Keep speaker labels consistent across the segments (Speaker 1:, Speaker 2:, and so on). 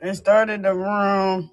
Speaker 1: They started the room.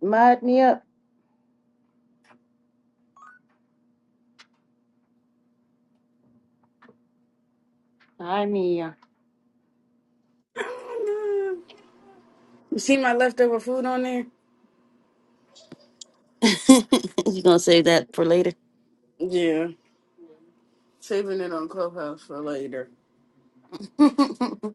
Speaker 2: Mod me up. Hi, Mia.
Speaker 1: You see my leftover food on there?
Speaker 2: you gonna save that for later?
Speaker 1: Yeah. Saving it on Clubhouse for later.
Speaker 2: uh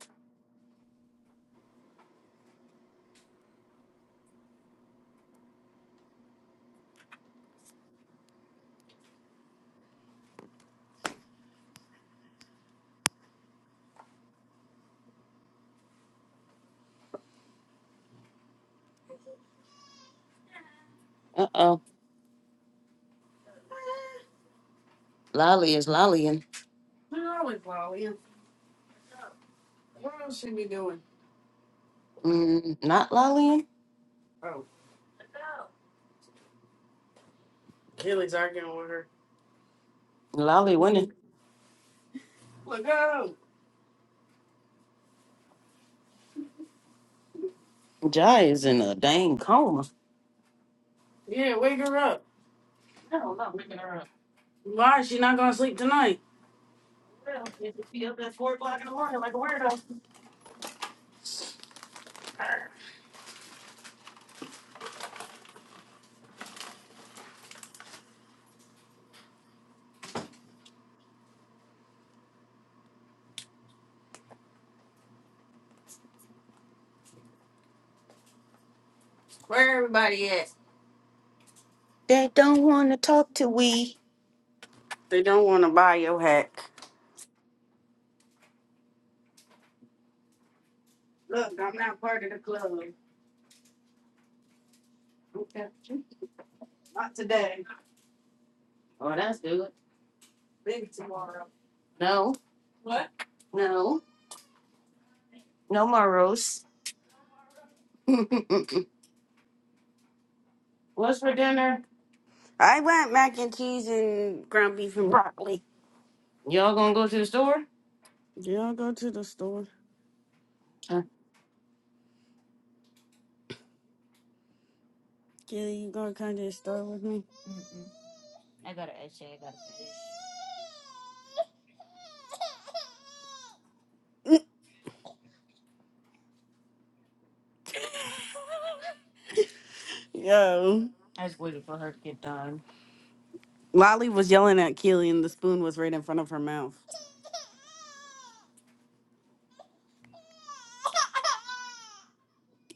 Speaker 2: oh. Lolly is lollying.
Speaker 1: Where are we, Polly? What else should we be doing?
Speaker 2: Mm, not lollying.
Speaker 1: Oh. Kaylee's arguing with her.
Speaker 2: Lolly winning.
Speaker 1: Look out.
Speaker 2: Jai is in a dang coma.
Speaker 1: Yeah, wake her up.
Speaker 2: I don't know. Making her up.
Speaker 1: Why is she not gonna sleep tonight?
Speaker 2: Well, you could be up at four o'clock in the morning like a weirdo.
Speaker 1: Where everybody at?
Speaker 2: They don't want to talk to we.
Speaker 1: They don't wanna buy your hat.
Speaker 2: Oh, that's good. No, no, no more moros. What's for dinner?
Speaker 1: I want mac and cheese and ground beef and broccoli.
Speaker 2: Y'all gonna go to the store?
Speaker 1: Yeah, I'll go to the store.
Speaker 2: Huh?
Speaker 1: Kaylee, you gonna come to the store with me? Yo. Lolly was yelling at Keely, and the spoon was right in front of her mouth.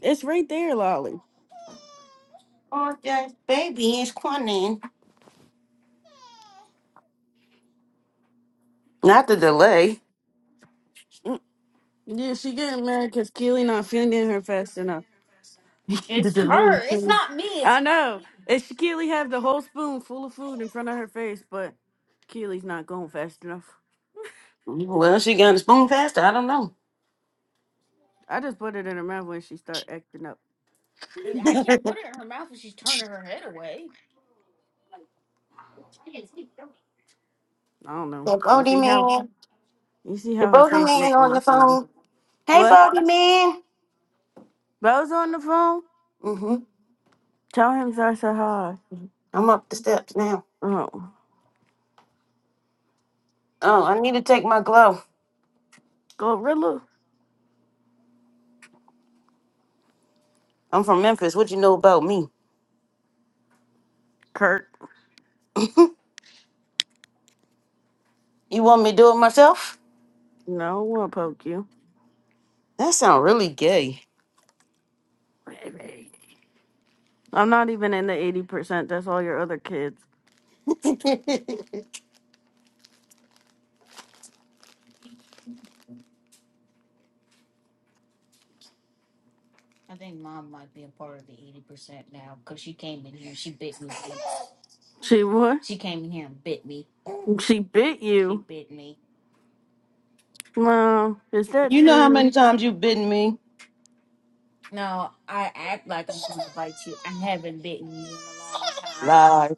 Speaker 1: It's right there, Lolly.
Speaker 2: Oh, yes, baby, it's Quanin. Not the delay.
Speaker 1: Mm. Yeah, she getting mad because Keely not feeding her fast enough. It's I know. And she Keely have the whole spoon full of food in front of her face, but Keely's not going fast enough.
Speaker 2: Well, she got a spoon faster. I don't know.
Speaker 1: I just put it in her mouth when she start acting up. I don't know.
Speaker 2: The
Speaker 1: You
Speaker 2: Bodie
Speaker 1: see how
Speaker 2: man.
Speaker 1: you see
Speaker 2: The
Speaker 1: how her
Speaker 2: Bodie
Speaker 1: face
Speaker 2: man
Speaker 1: looked
Speaker 2: on
Speaker 1: when I
Speaker 2: the
Speaker 1: feed her.
Speaker 2: phone. Hey,
Speaker 1: What?
Speaker 2: Bodie man.
Speaker 1: Bo's on the phone.
Speaker 2: Mm-hmm.
Speaker 1: Tell him I said hi.
Speaker 2: I'm up the steps now.
Speaker 1: Oh,
Speaker 2: Oh, I need to take my glove.
Speaker 1: Gorilla.
Speaker 2: I'm from Memphis. What you know about me?
Speaker 1: Kurt.
Speaker 2: You want me to do it myself?
Speaker 1: No, I won't poke you.
Speaker 2: That sound really gay.
Speaker 1: I'm not even in the 80%. That's all your other kids. She what? She bit She you. Mom, is that
Speaker 2: you know how
Speaker 1: true?
Speaker 2: many times you've bitten me? Lies.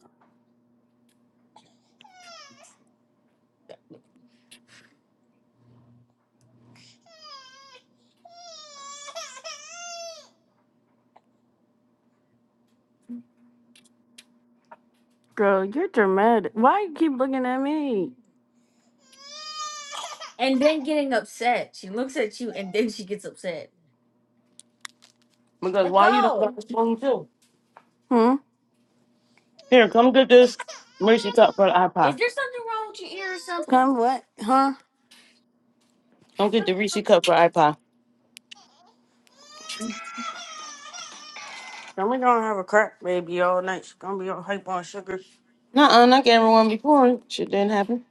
Speaker 1: Girl, you're dramatic. Why you keep looking at me?
Speaker 2: Because why you don't got a spoon too?
Speaker 1: Hmm?
Speaker 2: Here, come get this Reese cup for the iPod.
Speaker 1: Come what? Huh?
Speaker 2: Come get the Reese cup for iPod.
Speaker 1: Then we gonna have a crack baby all night. She's gonna be all hype on sugar.
Speaker 2: Nuh-uh, not everyone before. Shit didn't happen.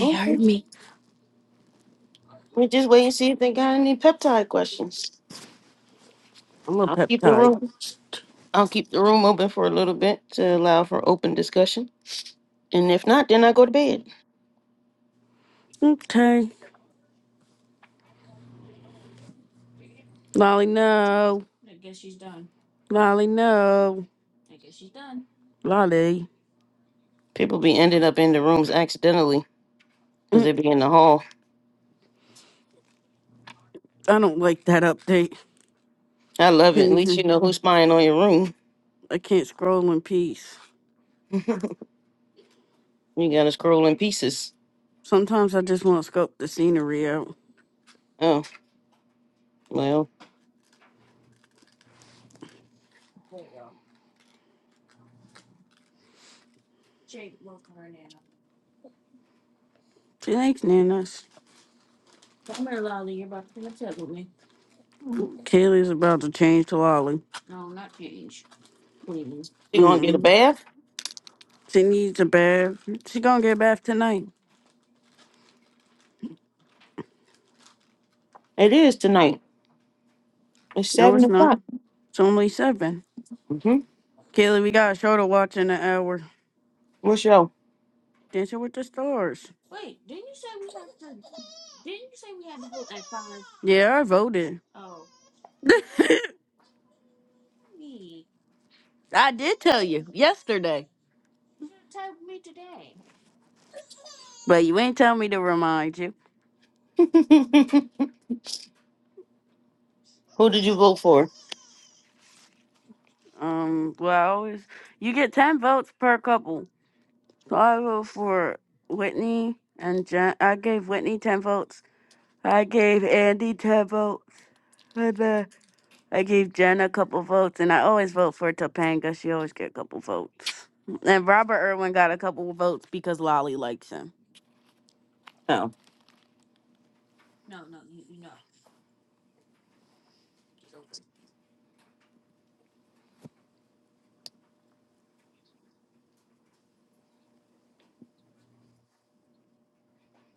Speaker 2: Okay. We just wait and see if they got any peptide questions.
Speaker 1: I'm a
Speaker 2: I'll keep the
Speaker 1: peptide.
Speaker 2: room. I'll keep the room open for a little bit to allow for open discussion. And if not, then I go to bed.
Speaker 1: Okay. Lolly, no. Lolly, no. Lolly.
Speaker 2: People be ended up in the rooms accidentally because
Speaker 1: Mm,
Speaker 2: they be in the hall.
Speaker 1: I don't like that update.
Speaker 2: I love it. At least you know who's spying on your room.
Speaker 1: I can't scroll in peace.
Speaker 2: you gotta scroll in pieces.
Speaker 1: Sometimes I just want to scope the scenery out.
Speaker 2: Oh well,
Speaker 1: She thanks, Nanas. Kaylee's about to change to Lolly.
Speaker 2: you gonna get a
Speaker 1: Mm-mm.
Speaker 2: bath?
Speaker 1: She needs a bath. She gonna get a bath tonight.
Speaker 2: It is tonight. It's
Speaker 1: No,
Speaker 2: seven
Speaker 1: it's not.
Speaker 2: o'clock.
Speaker 1: It's only seven.
Speaker 2: Mm-hmm.
Speaker 1: Kaylee, we got a show to watch in an hour.
Speaker 2: What's your?
Speaker 1: Dancing with the Stars. Yeah, I voted. I did tell you yesterday, but you ain't tell me to remind you.
Speaker 2: Who did you vote for?
Speaker 1: Um, well, I always you get ten votes per couple. So I vote for Whitney and Jen. I gave Whitney 10 votes. I gave Andy 10 votes. And uh, I gave Jen a couple votes. And I always vote for Topanga. She always get a couple votes. And Robert Irwin got a couple votes because Lolly likes him.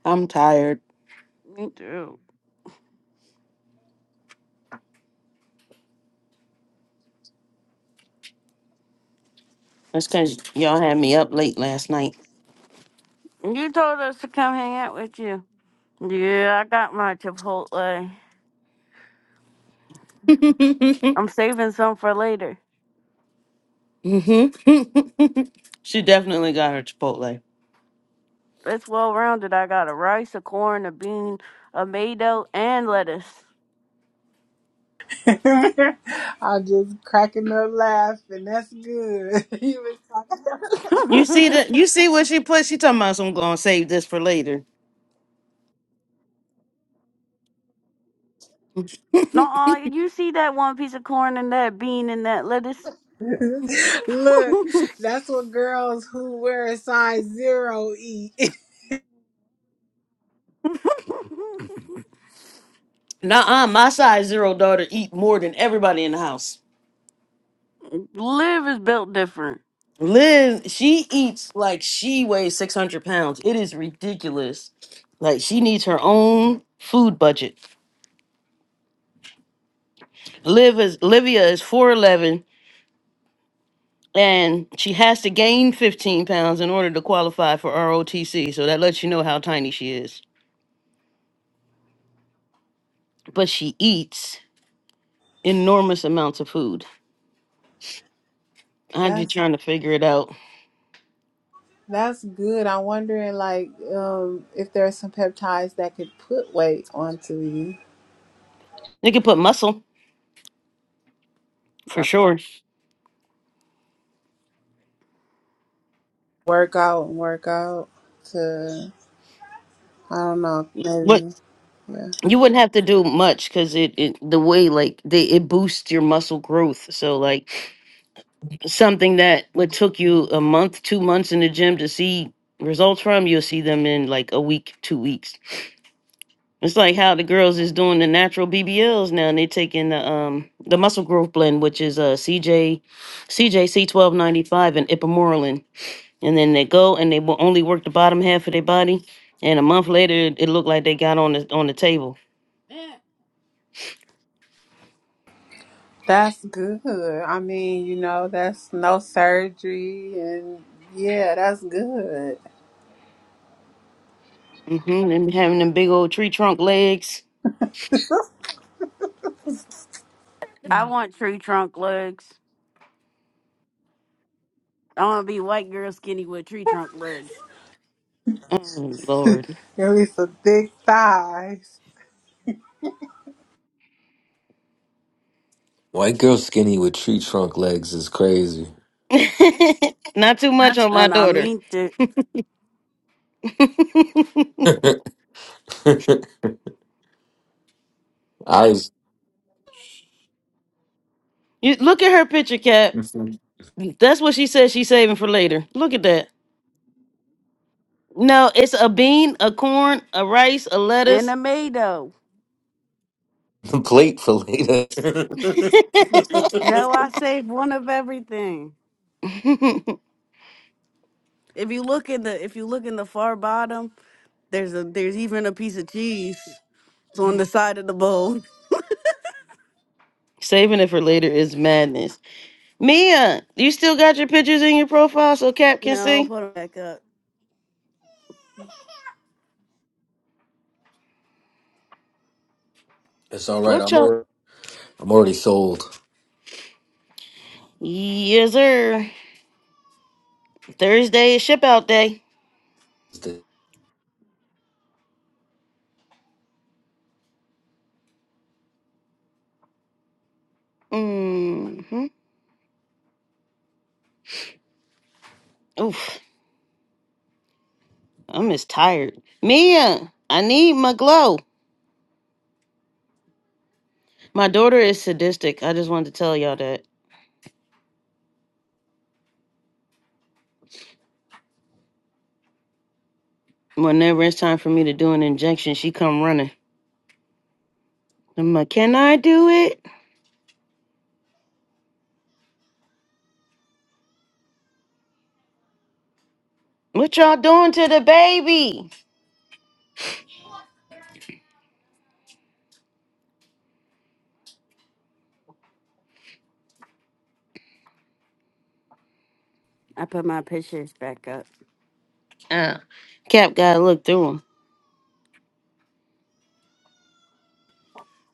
Speaker 2: I'm tired.
Speaker 1: Me too.
Speaker 2: That's because y'all had me up late last night.
Speaker 1: You told us to come hang out with you. Yeah, I got my Chipotle. I'm saving some for later.
Speaker 2: Mhm. she definitely got her Chipotle.
Speaker 1: It's well rounded. I got a rice, a corn, a bean, a mado, and lettuce.
Speaker 3: I'm just cracking up laughing. That's good. You was talking-
Speaker 2: You see that? You see what she put? She talking about so I'm gonna save this for later.
Speaker 1: No, you see that one piece of corn and that bean and that lettuce?
Speaker 3: Look, that's what girls who wear a size zero eat.
Speaker 2: Nah, uh, my size zero daughter eat more than everybody in the house.
Speaker 1: Live is built different.
Speaker 2: Liz, she eats like she weighs six hundred pounds. It is ridiculous. Like she needs her own food budget. Liv is Livia is four eleven. and she has to gain 15 pounds in order to qualify for ROTC. So that lets you know how tiny she is. But she eats enormous amounts of food. I'm just
Speaker 3: that's
Speaker 2: trying to figure it out.
Speaker 3: that's good. I'm wondering like um if there are some peptides that could put weight onto you.
Speaker 2: They could put muscle for
Speaker 1: Let's go.
Speaker 2: sure.
Speaker 3: Work out and work out to I don't know,
Speaker 2: But
Speaker 3: maybe yeah.
Speaker 2: you wouldn't have to do much because it, it the way like they it boosts your muscle growth. So like something that would took you a month, two months in the gym to see results from, you'll see them in like a week, two weeks. It's like how the girls is doing the natural BBLs now, and they're taking the um the muscle growth blend, which is uh CJ CJ C twelve ninety five and Ipamorelin, and then they go and they will only work the bottom half of their body, and a month later it, it looked like they got on the on the table.
Speaker 3: That's good. I mean, you know, that's no surgery and yeah, that's good.
Speaker 2: Mm-hmm. Them having them big old tree trunk legs.
Speaker 1: I want tree trunk legs. I want to be white girl skinny with tree trunk legs.
Speaker 2: Oh
Speaker 3: Give
Speaker 2: Lord.
Speaker 3: me some thick thighs.
Speaker 4: White girl skinny with tree trunk legs is crazy.
Speaker 2: Not too
Speaker 4: I
Speaker 2: much on my
Speaker 1: And I
Speaker 2: daughter.
Speaker 1: mean it.
Speaker 4: was
Speaker 2: you look at her picture, Cap. That's what she said she's saving for later. Look at that. No, it's a bean, a corn, a rice, a
Speaker 1: And
Speaker 2: lettuce.
Speaker 1: tomato.
Speaker 4: plate for later.
Speaker 1: No, I saved one of everything. If you look in the if you look in the far bottom, there's a there's even a piece of cheese. It's on the side of the bowl.
Speaker 2: Saving it for later is madness. Mia, you still got your pictures in your profile so Cap can
Speaker 1: No,
Speaker 2: see?
Speaker 1: put it back up.
Speaker 4: it's all right.
Speaker 2: What
Speaker 4: I'm
Speaker 2: y'all?
Speaker 4: already, I'm already sold.
Speaker 2: Yes, sir. Thursday is ship out day. Mm-hmm. Oof, I'm just tired. Mia, I need my glow. My daughter is sadistic. I just wanted to tell y'all that. Whenever it's time for me to do an injection, she come running. I'm like, can I do it? What y'all doing to the baby?
Speaker 1: I put my pictures back up.
Speaker 2: Uh, Cap gotta look through him.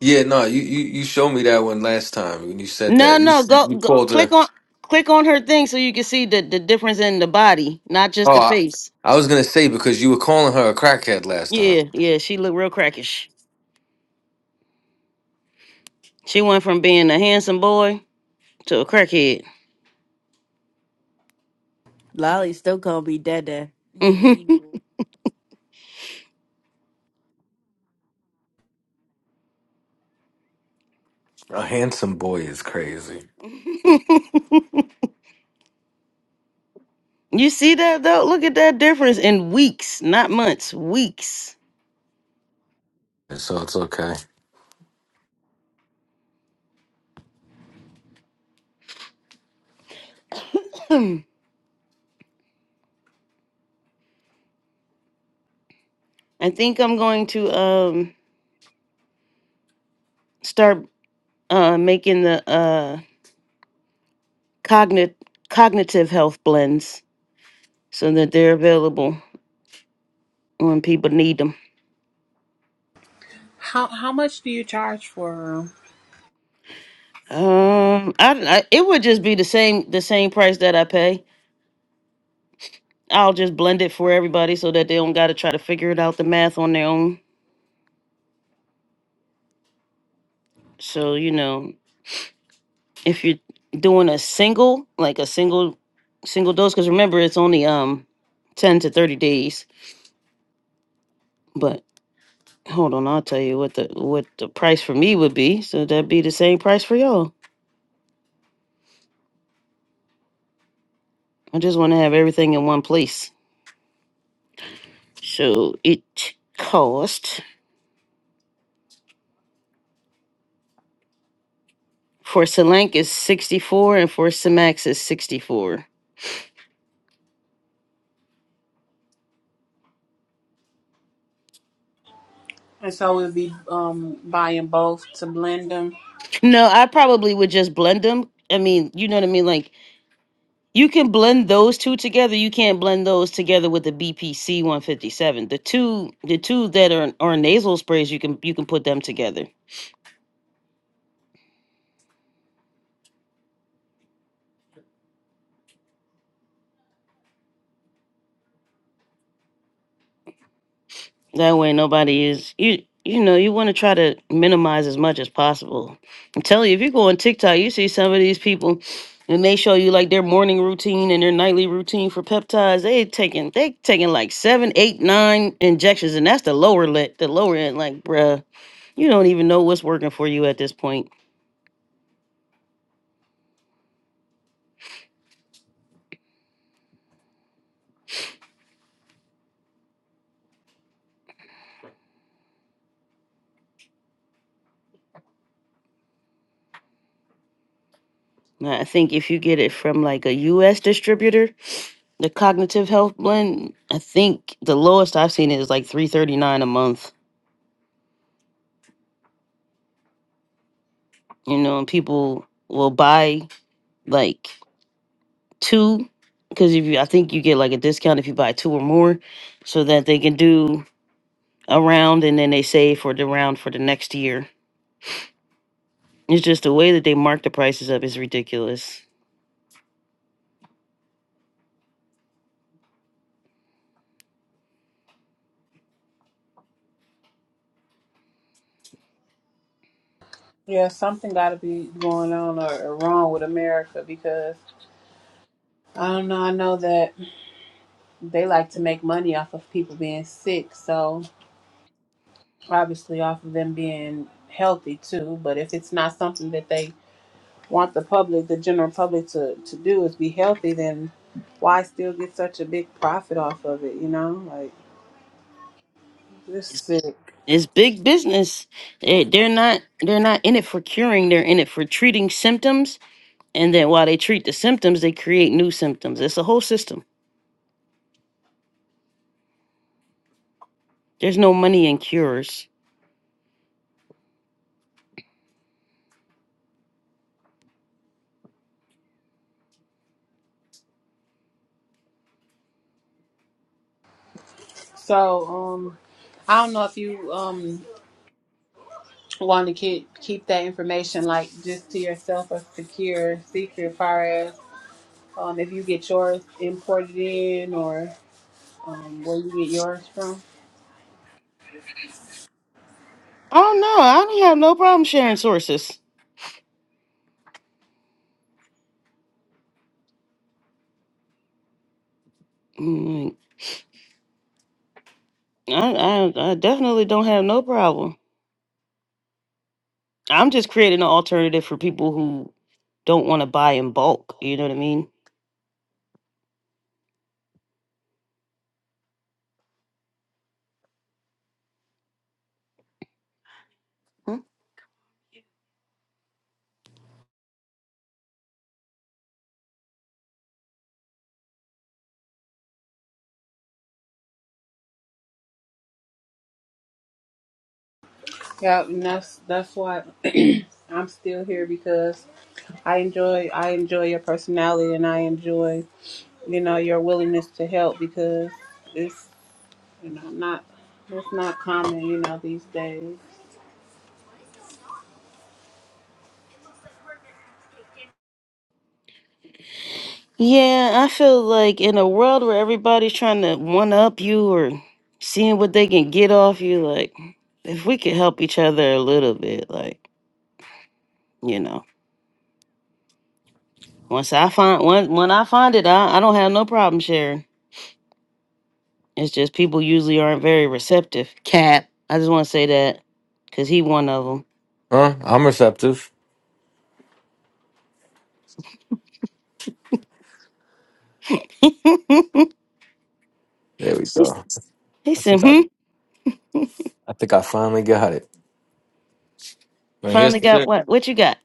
Speaker 4: Yeah, no, you, you you showed me that one last time when you said
Speaker 2: No,
Speaker 4: that you
Speaker 2: no, go,
Speaker 4: you
Speaker 2: go
Speaker 4: called her.
Speaker 2: click on click on her thing so you can see the, the difference in the body, not just
Speaker 4: Oh,
Speaker 2: the
Speaker 4: I,
Speaker 2: face.
Speaker 4: I was gonna say because you were calling her a crackhead last time.
Speaker 2: Yeah, yeah, she looked real crackish. She went from being a handsome boy to a crackhead.
Speaker 1: Lolly still gonna be dead there.
Speaker 2: Mhm.
Speaker 4: A handsome boy is crazy,
Speaker 2: you see that though? Look at that difference in weeks, not months, weeks.
Speaker 4: so it's okay.
Speaker 2: I think I'm going to um start uh making the uh, cognit- cognitive health blends so that they're available when people need them.
Speaker 3: How how much do you charge for 'em?
Speaker 2: Um, I, I it would just be the same the same price that I pay. I'll just blend it for everybody so that they don't got to try to figure it out the math on their own. So you know, if you're doing a single like a single single dose, because remember it's only um ten to thirty days. But hold on, I'll tell you what the what the price for me would be. So that'd be the same price for y'all. I just want to have everything in one place. So it cost for Selenk is 64 and for Simax is 64.
Speaker 3: And so we'll be um buying both to blend them.
Speaker 2: No, I probably would just blend them. I mean, you know what I mean? Like you can blend those two together. You can't blend those together with the BPC 157. The two the two that are are nasal sprays, you can you can put them together. That way, nobody is you. You know, you want to try to minimize as much as possible. I'm telling you, if you go on TikTok, you see some of these people, and they show you like their morning routine and their nightly routine for peptides. They taking they taking like seven, eight, nine injections, and that's the lower let the lower end. Like, bruh, you don't even know what's working for you at this point. And I think if you get it from like a U.S. distributor, the cognitive health blend, I think the lowest I've seen it is like three thirty nine a month you know, and people will buy like two because if you, I think you get like a discount if you buy two or more, so that they can do a round and then they save for the round for the next year. It's just the way that they mark the prices up is ridiculous.
Speaker 3: Yeah, something got to be going on or, or wrong with America because I don't know. I know that they like to make money off of people being sick, so obviously off of them being healthy too. But if it's not something that they want the public, the general public to to do is be healthy, then why still get such a big profit off of it? You know, like. This
Speaker 2: It's
Speaker 3: sick.
Speaker 2: it's big business. They, they're not they're not in it for curing. They're in it for treating symptoms. And then while they treat the symptoms, they create new symptoms. It's a whole system. There's no money in cures.
Speaker 3: So, um, I don't know if you um want to keep keep that information like just to yourself a secure secret, as far as um if you get yours imported in or um where you get yours from.
Speaker 2: Oh no, I don't have no problem sharing sources. Oh my I, I I definitely don't have no problem. I'm just creating an alternative for people who don't want to buy in bulk. You know what I mean? Hmm?
Speaker 3: Yeah, and that's that's why I'm still here because I enjoy I enjoy your personality and I enjoy you know your willingness to help because it's you know not it's not common you know these days.
Speaker 2: Yeah, I feel like in a world where everybody's trying to one up you or seeing what they can get off you, like if we could help each other a little bit, like you know, once I find when when I find it, I I don't have no problem sharing. It's just people usually aren't very receptive. Cap, I just want to say that because he one of them.
Speaker 4: Huh? I'm receptive. There we
Speaker 2: He s-
Speaker 4: go.
Speaker 2: he
Speaker 4: I
Speaker 2: said,
Speaker 4: think I
Speaker 2: hmm.
Speaker 4: I think I finally got it. Right
Speaker 2: Finally got
Speaker 4: here.
Speaker 2: what? What you got?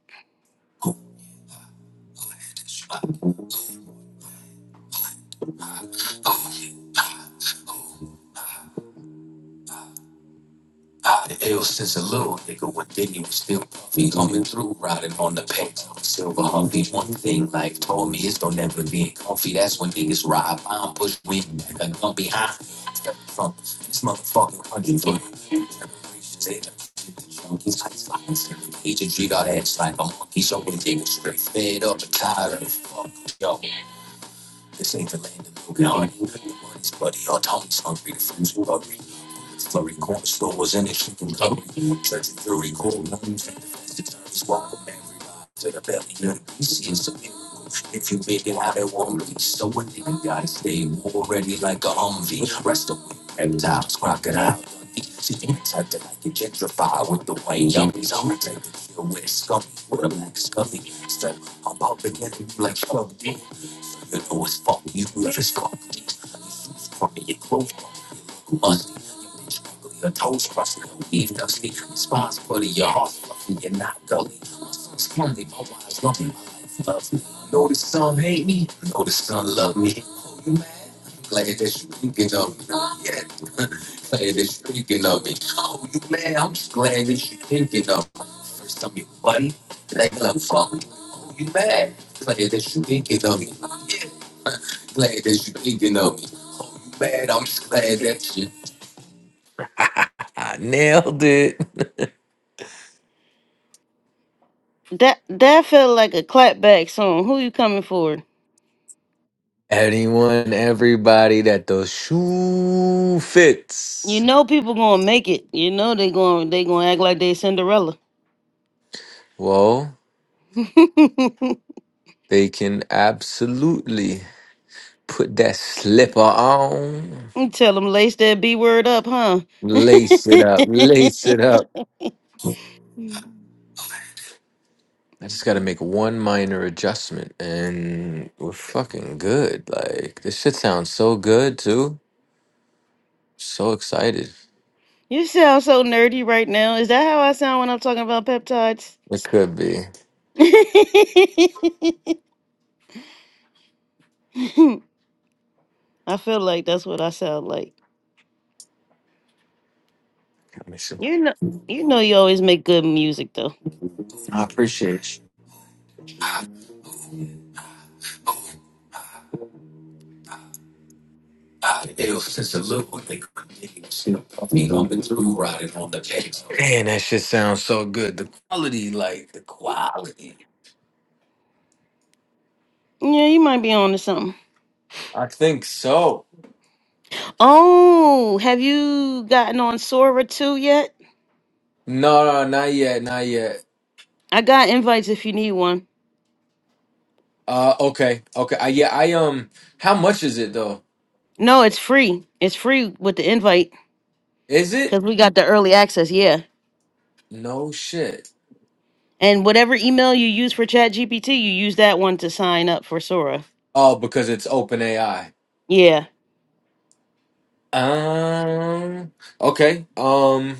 Speaker 4: I, it was since a little nigga when Diddy was still puffy coming through, riding on the pegs silver Humvee. One thing life told me is don't ever be comfy. That's when niggas ride on push wind like a gun behind. Step from this motherfucking one hundred three generations in. Junkies, ice lines, every age, treat our ass like a monkey. So when they was straight fed up and tired of the fuck, yo. This ain't the land of milk and honey, the money's bloody, our tongues hungry, the flames are ugly. Bullets flurry, corner store was in a chicken cutlery. Church and jury, cold rooms, and the fast attorneys walk up every line to the belly None of the beast. a miracle if you make it out it won't be So a nigga gotta stay war ready like a Humvee. Rest of reptiles, crocodile. See, you tucked it like a gentrified with the white yummies. I'm gonna take the kill with a scummy, with a black scummy. Step, I'm about to get him like Club D. You know it's fuck you, you just got. it. It's probably your clothes. Who understands you? Your toes crossed. Even though I'm responsible, your heart's broken. You're not guilty. My son's friendly, my wife's loving, my life's perfect. Notice some hate me. Notice some love me. Are you mad? Glad that you thinking of me. Yeah. Glad that you thinking of me. Are you mad? I'm just glad that you thinking of me. First time you're funny. Next time you're funny. Are you mad? Glad that you thinking of me. Yeah. Glad that you thinking of me. Man, I'm just glad that shit. I nailed it.
Speaker 2: That that felt like a clapback song. Who you coming for?
Speaker 4: Anyone, everybody that the shoe
Speaker 2: You
Speaker 4: fits,
Speaker 2: know people gonna make it. You know they going they gonna act like they Cinderella.
Speaker 4: well, they can absolutely put that slipper on,
Speaker 2: Tell them lace that B word up, huh? you
Speaker 4: lace it up, lace it up. I just got to make one minor adjustment and we're fucking good. Like, this shit sounds so good, too. So excited.
Speaker 2: sound so nerdy right now. Is that how I sound when I'm talking about peptides?
Speaker 4: It could be.
Speaker 2: I feel like that's what I sound like. You know, you know, you always make good music though.
Speaker 4: I appreciate you. Man, that shit sounds so good. The quality, like the quality.
Speaker 2: Yeah, you might be on to something.
Speaker 4: I think so.
Speaker 2: Oh, have you gotten on Sora too yet?
Speaker 4: No, no, no, not yet, not yet.
Speaker 2: I got invites if you need one.
Speaker 4: Uh, okay, okay. I, yeah, I um. How much is it though?
Speaker 2: No, it's free. It's free with the invite
Speaker 4: Is it?
Speaker 2: because we got the early access. Yeah,
Speaker 4: No shit.
Speaker 2: and whatever email you use for ChatGPT, you use that one to sign up for Sora.
Speaker 4: Oh, because it's open AI.
Speaker 2: Yeah.
Speaker 4: Um. Okay. Um.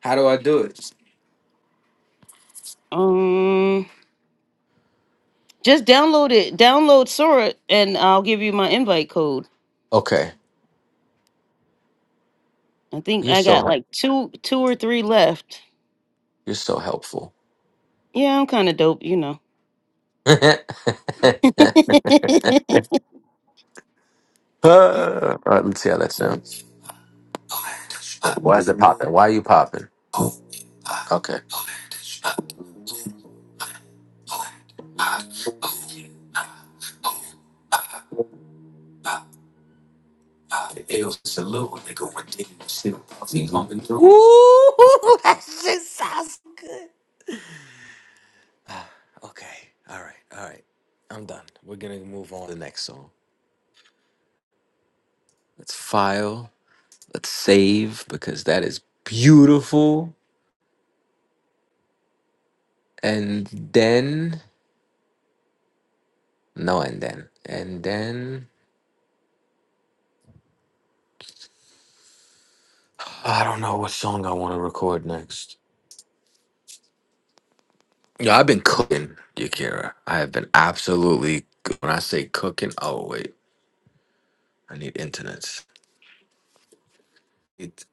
Speaker 4: How do I do it?
Speaker 2: Um, just download it. Download Sora, and I'll give you my invite code.
Speaker 4: Okay.
Speaker 2: I think
Speaker 4: You're
Speaker 2: I got
Speaker 4: so
Speaker 2: like two, two or three left.
Speaker 4: you're so helpful.
Speaker 2: Yeah, I'm kind of dope, you know.
Speaker 4: Uh, all right, let's see how that sounds. Why is it popping? Why are you popping? Okay. Mhm. Ooh, that shit sounds good. Okay. All right. All right. I'm done. We're gonna move on to the next song. Let's file. Let's save because that is beautiful. And then no, and then and then I don't know what song I want to record next. Yeah, I've been cooking, Yakira. I have been absolutely. When I say cooking, oh wait, I need internet. It,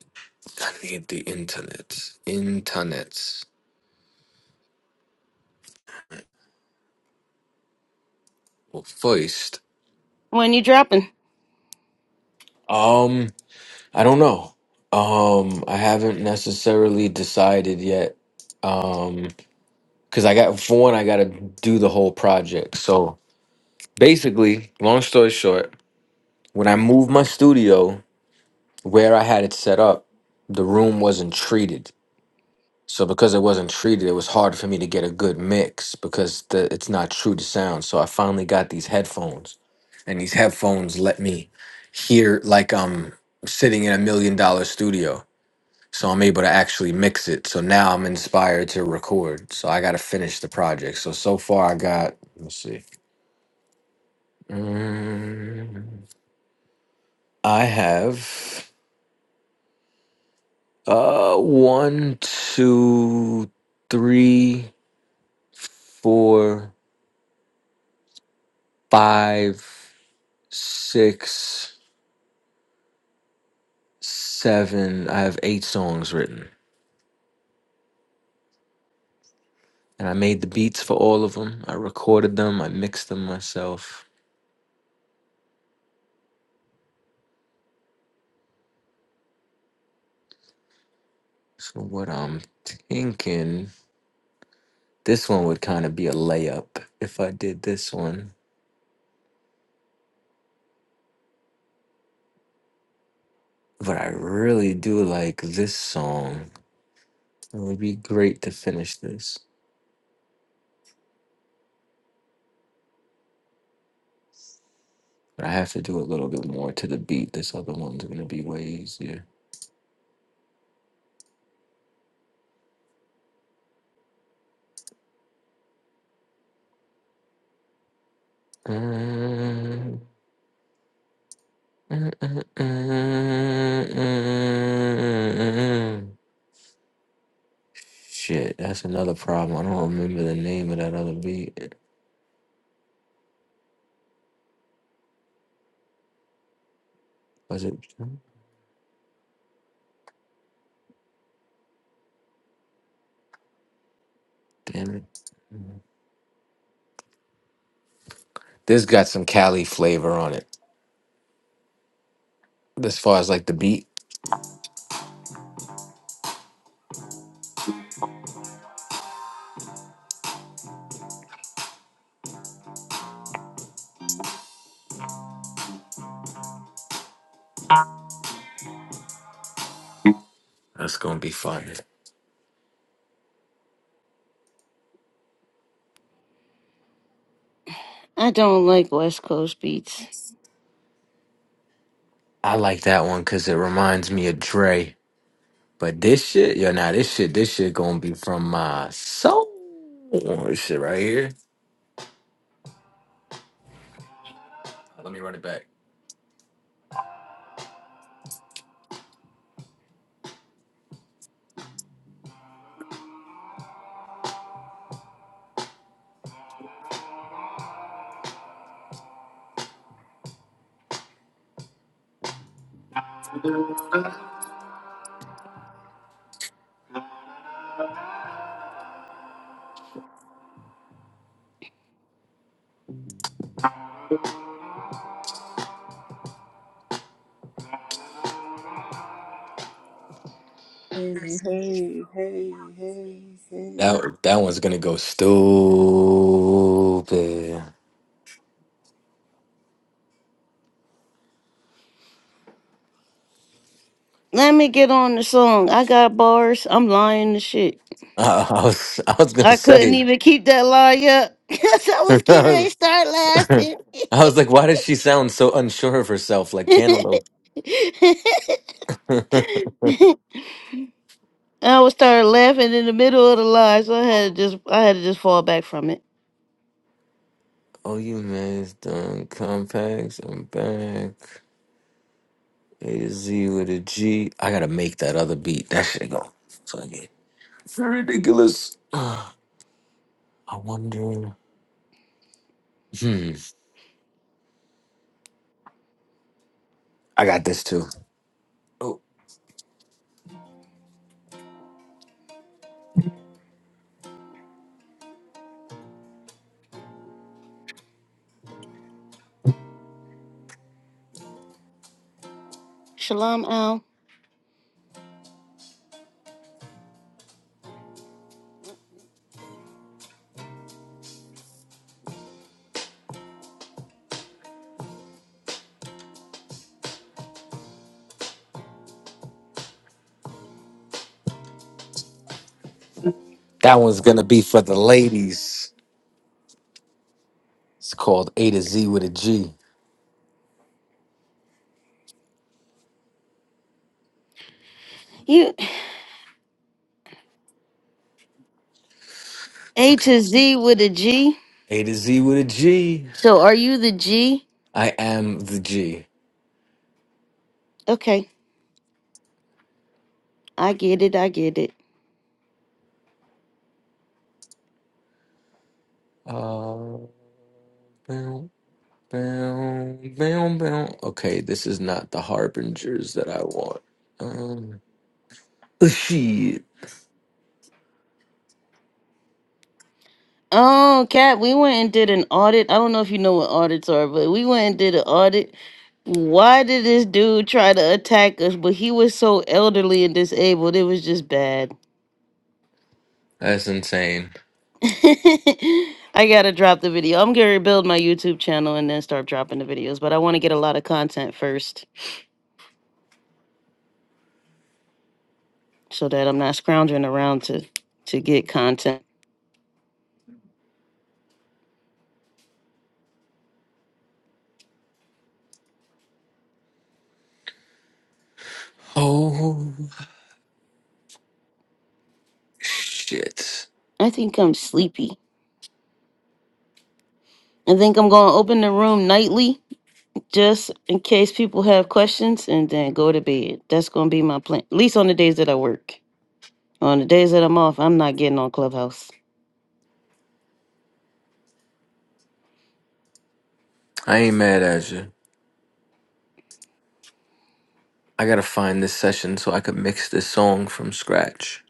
Speaker 4: I need the internet. Internet. Well, first,
Speaker 2: when you dropping?
Speaker 4: um, I don't know. Um, I haven't necessarily decided yet. Um, because I got for one, I got to do the whole project. So basically, long story short, when I moved my studio where I had it set up, the room wasn't treated. So because it wasn't treated, it was hard for me to get a good mix because the, it's not true to sound. So I finally got these headphones, and these headphones let me hear like I'm sitting in a million dollar studio. So I'm able to actually mix it. So now I'm inspired to record. So I got to finish the project. So so far I got let's see, Mm, I have uh one, two, three, four, five. six, seven. I have eight songs written, and I made the beats for all of them. I recorded them. I mixed them myself. So what I'm thinking, this one would kind of be a layup if I did this one. But I really do like this song. It would be great to finish this. But I have to do a little bit more to the beat. This other one's gonna be way easier. Mm, mm, mm, mm, mm, mm. Shit, that's another problem. I don't remember the name of that other beat. Was it? Damn it. This got some Cali flavor on it. As far as like the beat, that's gonna be fun.
Speaker 2: I don't like West Coast beats.
Speaker 4: I like that one because it reminds me of Dre. But this shit, yo, nah, this shit, this shit gonna be from my soul. This shit right here. Let me run it back.
Speaker 3: Hey, hey, hey, hey, hey.
Speaker 4: That that one's gonna go stupid.
Speaker 2: Let me get on the song. I got bars. I'm lying to shit.
Speaker 4: I, I was I was gonna
Speaker 2: I couldn't
Speaker 4: say
Speaker 2: even keep that lie up. 'Cause I was getting ready to start
Speaker 4: I
Speaker 2: laughing.
Speaker 4: was like, why does she sound so unsure of herself, like Cantaloupe? oh,
Speaker 2: I was started laughing in the middle of the lie, so I had to just I had to just fall back from it.
Speaker 4: you messed on compacts. and am back. A to Z with a G. I gotta make that other beat. That shit go fucking ridiculous. I wonder. Hmm. I got this too. Oh,
Speaker 2: Shalom Al.
Speaker 4: that one's gonna be for the ladies. It's called A to Z with a G.
Speaker 2: You H
Speaker 4: Okay.
Speaker 2: is D with a G.
Speaker 4: A to Z with a G.
Speaker 2: So are you the G?
Speaker 4: I am the G.
Speaker 2: Okay. I get it, I get it.
Speaker 4: Uh. Bow, bow, bow. Okay, this is not the harbingers that I want. Um, shit.
Speaker 2: Oh, Kat, we went and did an audit. I don't know if you know what audits are, but we went and did an audit. Why did this dude try to attack us? But he was so elderly and disabled, it was just bad.
Speaker 4: That's insane.
Speaker 2: I gotta drop the video. I'm gonna build my YouTube channel and then start dropping the videos, but I want to get a lot of content first so that I'm not scrounging around to to get content.
Speaker 4: Oh, shit.
Speaker 2: I think I'm sleepy. I think I'm gonna open the room nightly just in case people have questions and then go to bed. That's going to be my plan, at least on the days that I work. On the days that I'm off, I'm not getting on Clubhouse
Speaker 4: I ain't mad at you. I gotta find this session so I could mix this song from scratch.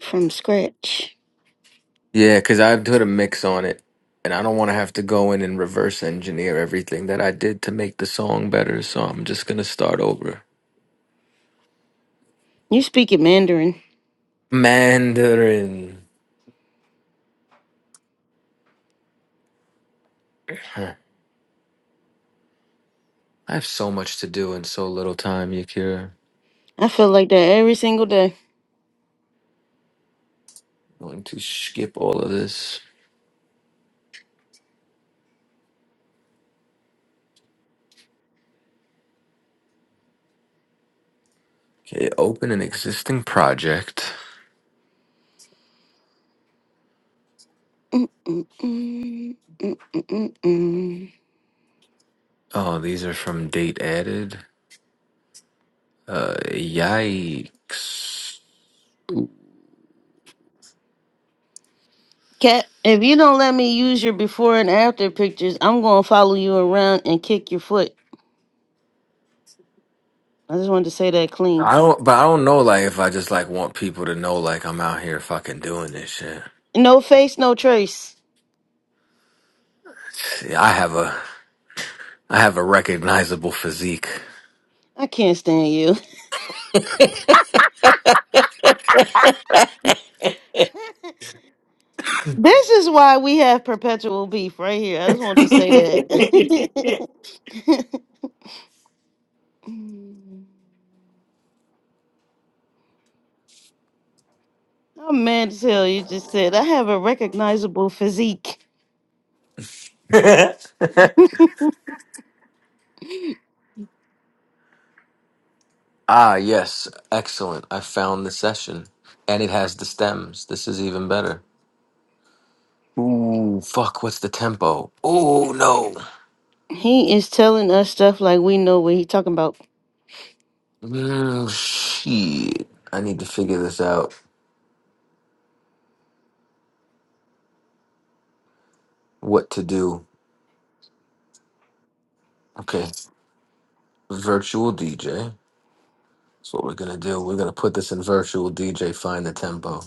Speaker 2: from scratch.
Speaker 4: Yeah, because I put a mix on it, and I don't want to have to go in and reverse engineer everything that I did to make the song better, so I'm just gonna start over.
Speaker 2: You speaking Mandarin.
Speaker 4: Mandarin. Huh. I have so much to do in so little time, Yakira.
Speaker 2: I feel like that every single day.
Speaker 4: Going to skip all of this. Okay, open an existing project.
Speaker 2: Mm, mm, mm, mm, mm, mm.
Speaker 4: Oh, these are from date added. Uh, yikes.
Speaker 2: Cat, if you don't let me use your before and after pictures, I'm going to follow you around and kick your foot. I just wanted to say that clean.
Speaker 4: I don't, but I don't know, like, if I just, like, want people to know, like, I'm out here fucking doing this shit.
Speaker 2: No face, no trace.
Speaker 4: See, I have a, I have a recognizable physique.
Speaker 2: I can't stand you. This is why we have perpetual beef right here. I just want to say that. I'm mad as hell. You just said I have a recognizable physique.
Speaker 4: ah, yes, excellent. I found the session. And it has the stems. This is even better. Ooh, fuck, what's the tempo? Oh, no.
Speaker 2: He is telling us stuff like we know what he talking about.
Speaker 4: Well, shit. I need to figure this out. What to do? Okay, virtual DJ. That's what we're gonna do. We're gonna put this in virtual DJ. Find the tempo.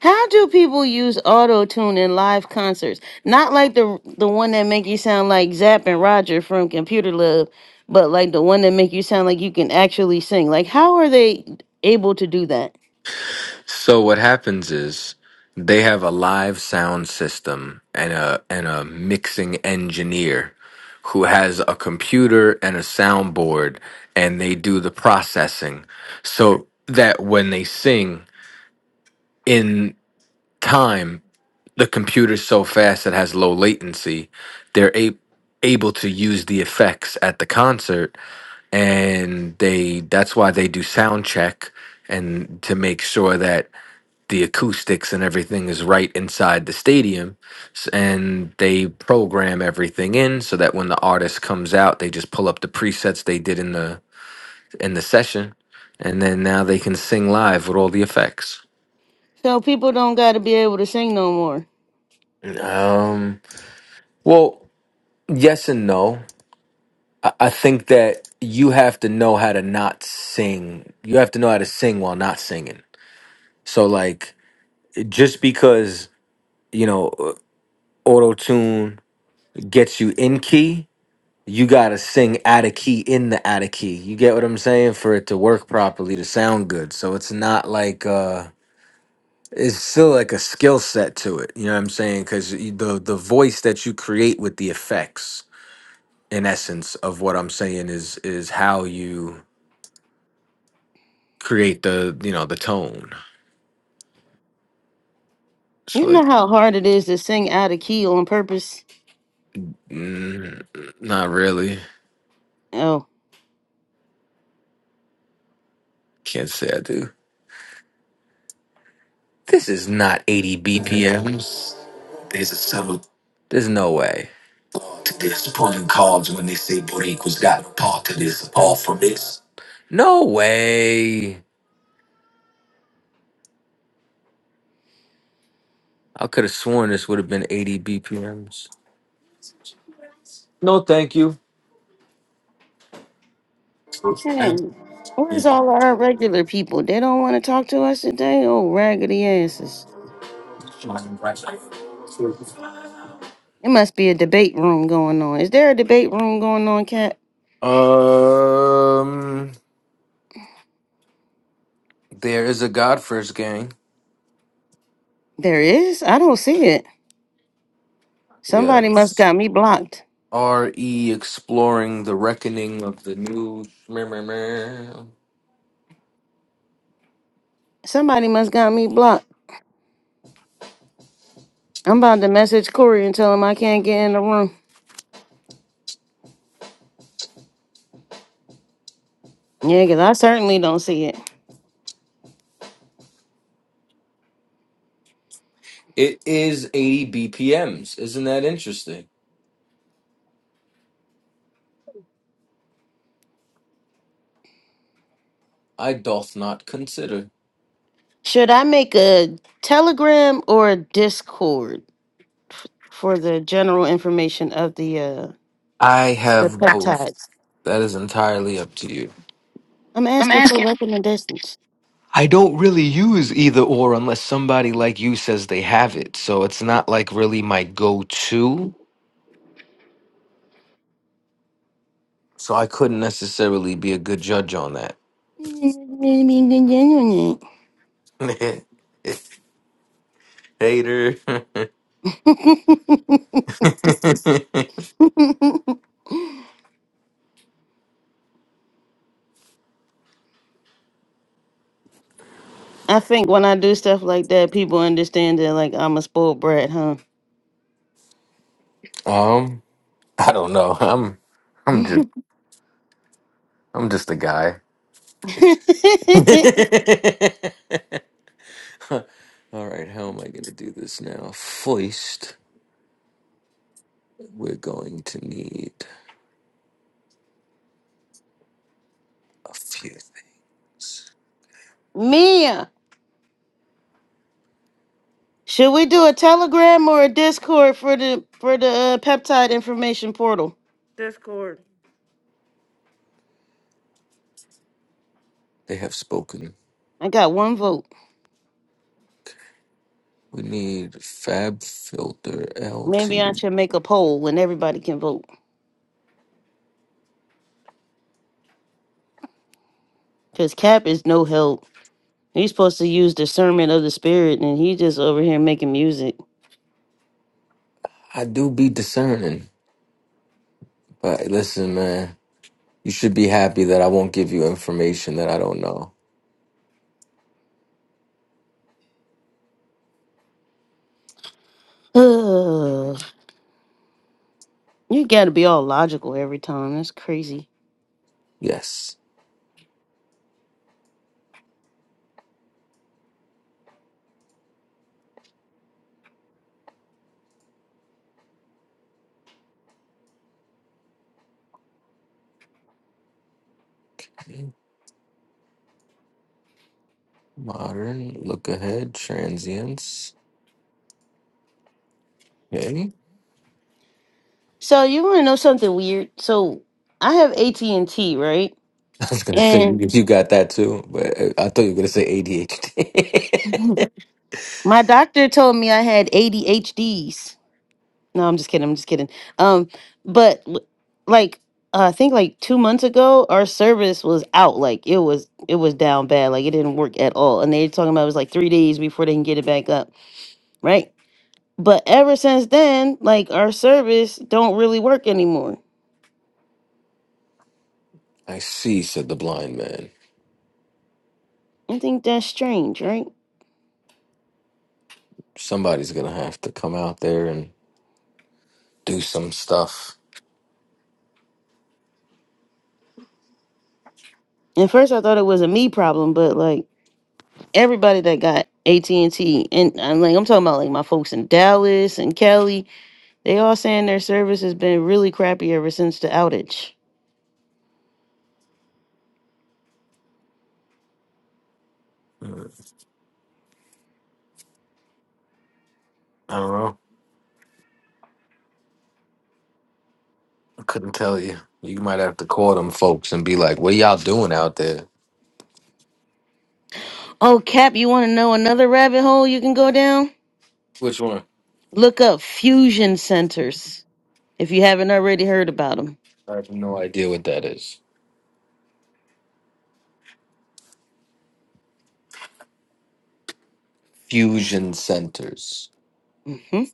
Speaker 2: How do people use auto tune in live concerts? Not like the the one that make you sound like Zapp and Roger from Computer Love, but like the one that make you sound like you can actually sing. Like how are they able to do that?
Speaker 4: So what happens is they have a live sound system and a and a mixing engineer who has a computer and a soundboard and they do the processing so that when they sing in time the computer's so fast it has low latency they're a- able to use the effects at the concert and they that's why they do sound check and to make sure that the acoustics and everything is right inside the stadium S- and they program everything in so that when the artist comes out they just pull up the presets they did in the in the session and then now they can sing live with all the effects
Speaker 2: So people don't got to be able to sing no more.
Speaker 4: um well yes and no I I think that you have to know how to not sing. You have to know how to sing while not singing. So like just because, you know, auto tune gets you in key, you got to sing out of key in the out of key. You get what I'm saying for it to work properly, to sound good. So it's not like uh it's still like a skill set to it. You know what I'm saying? Cuz the the voice that you create with the effects in essence of what I'm saying is is how you create the you know the tone. It's
Speaker 2: You
Speaker 4: like
Speaker 2: know how hard it is to sing out of key on purpose.
Speaker 4: mm, not really.
Speaker 2: Oh.
Speaker 4: Can't say I do. This is not 80 BPMs. There's a subtle There's no way. thought to this, pulling cards when they say Boricua's got a part to this, apart from this. No way. I could have sworn this would have been 80 BPMs. No, thank you.
Speaker 2: Hey, where's all our regular people? They don't want to talk to us today? Oh, raggedy asses. It must be a debate room going on. Is there a debate room going on, Cat?
Speaker 4: Um, there is a Godfirst gang.
Speaker 2: There is? I don't see it. Somebody must
Speaker 4: Yes.
Speaker 2: got me blocked.
Speaker 4: R.E. Exploring the Reckoning of the New.
Speaker 2: Somebody must got me blocked. I'm about to message Corey and tell him I can't get in the room. Yeah, because I certainly don't see it.
Speaker 4: It is 80 BPMs. Isn't that interesting? I doth not consider.
Speaker 2: Should I make a telegram or a discord f- for the general information of the uh
Speaker 4: I
Speaker 2: the
Speaker 4: have both.
Speaker 2: peptides?
Speaker 4: That is entirely up to you.
Speaker 2: I'm
Speaker 4: I'm
Speaker 2: asking for
Speaker 4: asking.
Speaker 2: recommendations.
Speaker 4: I don't really use either or unless somebody like you says they have it. So it's not like really my go to. So I couldn't necessarily be a good judge on that. Hater.
Speaker 2: I think when I do stuff like that, people understand that like I'm a spoiled brat, huh?
Speaker 4: um, I don't know. I'm I'm just I'm just a guy. All right, how am I going to do this now? First, we're going to need a few things.
Speaker 2: Mia, should we do a Telegram or a Discord for the for the uh, peptide information portal?
Speaker 1: Discord.
Speaker 4: They have spoken.
Speaker 2: I got one vote.
Speaker 4: We need Fab Filter
Speaker 2: Maybe I
Speaker 4: L2.
Speaker 2: should make a poll and everybody can vote. Cause Cap is no help. He's supposed to use discernment of the spirit, and he just over here making music.
Speaker 4: I do be discerning, but listen, man, you should be happy that I won't give you information that I don't know.
Speaker 2: You gotta be all logical every time. That's crazy.
Speaker 4: Yes. Modern, look ahead, transients. Okay.
Speaker 2: So you wanna know something weird? So I have AT and T, right?
Speaker 4: I was gonna say you
Speaker 2: And
Speaker 4: you got that too, but uh, I thought you were gonna say ADHD.
Speaker 2: my doctor told me I had ADHDs. No, I'm just kidding. I'm just kidding. Um, but l- like uh, I think like two months ago, our service was out. Like it was it was down bad. Like it didn't work at all. And they were talking about it was like three days before they can get it back up, right? But ever since then, like our service don't really work anymore.
Speaker 4: I see, said the blind man.
Speaker 2: I think that's strange, right?
Speaker 4: Somebody's gonna have to come out there and do some stuff.
Speaker 2: At first, I thought it was a me problem, but like everybody that got AT and T, and I'm like, I'm talking about like my folks in Dallas and Cali, they all saying their service has been really crappy ever since the outage.
Speaker 4: Mm, I don't know. I couldn't tell you. You might have to call them folks and be like, "What y'all doing out there?"
Speaker 2: Oh, Cap, you want to know another rabbit hole you can go down?
Speaker 4: Which one?
Speaker 2: Look up fusion centers if you haven't already heard about them.
Speaker 4: I have no idea what that is. Fusion centers.
Speaker 2: hmm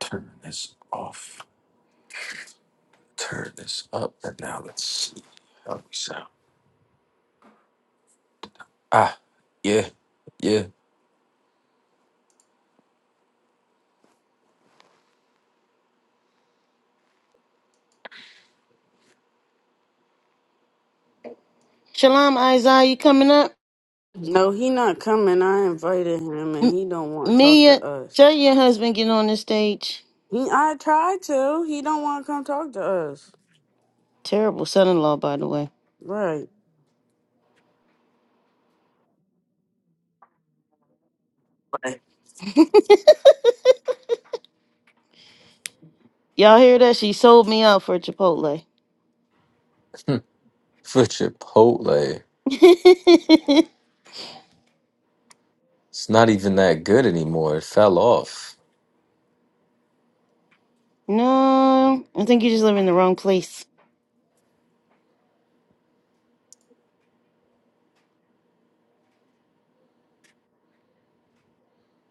Speaker 4: Turn this off. Turn this up. And now let's see how we sound. Ah, yeah, yeah.
Speaker 2: Shalom, Isaiah, you coming up?
Speaker 1: No, he not coming. I invited him and
Speaker 2: M-
Speaker 1: he don't want to talk
Speaker 2: Mia,
Speaker 1: to us.
Speaker 2: tell your husband get on this stage.
Speaker 1: He I tried to. He don't want to come talk to us.
Speaker 2: Terrible son-in-law, by the way.
Speaker 1: Right.
Speaker 2: Y'all hear that? She sold me out for Chipotle.
Speaker 4: For Chipotle. It's not even that good anymore. It fell off.
Speaker 2: no, I think you just live in the wrong place.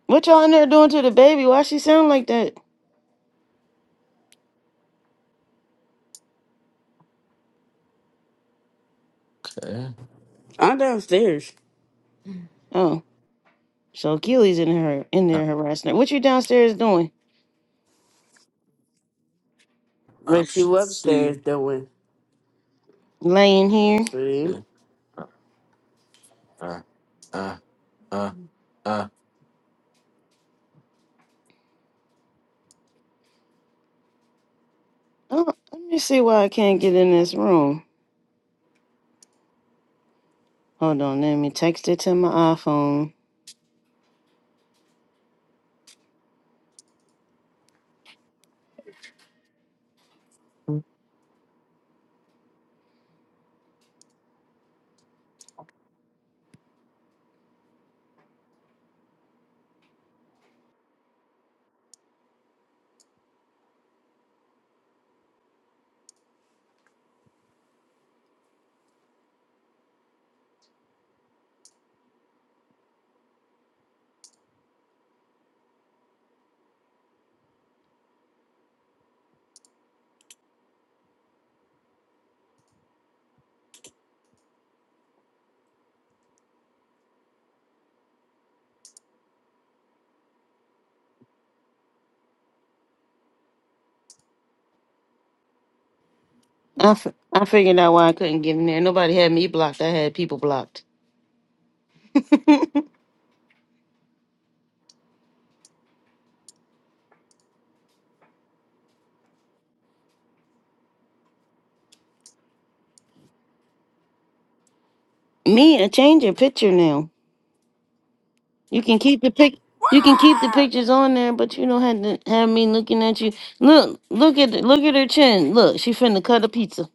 Speaker 2: What y'all in there doing to the baby? Why she sound like that?
Speaker 4: Okay.
Speaker 1: I'm downstairs.
Speaker 2: Oh, so Keely's in her in
Speaker 4: Uh,
Speaker 2: there harassing her. What you downstairs doing?
Speaker 1: But she
Speaker 4: Option C.
Speaker 1: upstairs doing.
Speaker 2: Laying here.
Speaker 1: See?
Speaker 4: Yeah. Uh, uh, uh, uh, uh.
Speaker 2: Oh, let me see why I can't get in this room. Hold on, let me text it to my iPhone. I, f- I figured out why I couldn't get in there. Nobody had me blocked. I had people blocked. Me, I change your picture now. You can keep the pic. You can keep the
Speaker 1: Wah!
Speaker 2: pictures on there, but you don't have to have me looking at you. Look, look at look at her chin. Look, she finna cut a pizza.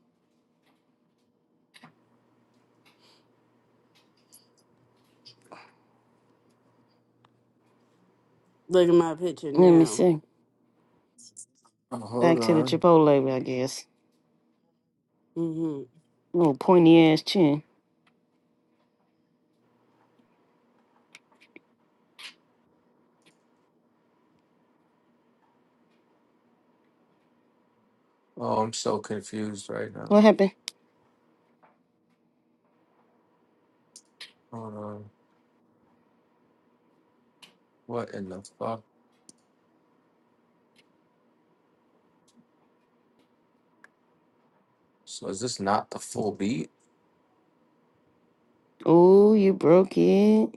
Speaker 1: Look at my picture
Speaker 2: Let me
Speaker 1: now.
Speaker 2: see.
Speaker 4: Oh,
Speaker 2: Back
Speaker 4: hold
Speaker 2: to the
Speaker 4: on.
Speaker 2: Chipotle, I guess.
Speaker 1: hmm
Speaker 2: Little pointy ass chin.
Speaker 4: Oh, I'm so confused right now.
Speaker 2: What happened?
Speaker 4: Hold on. What in the fuck? So is this not the full beat?
Speaker 2: Oh, you broke it.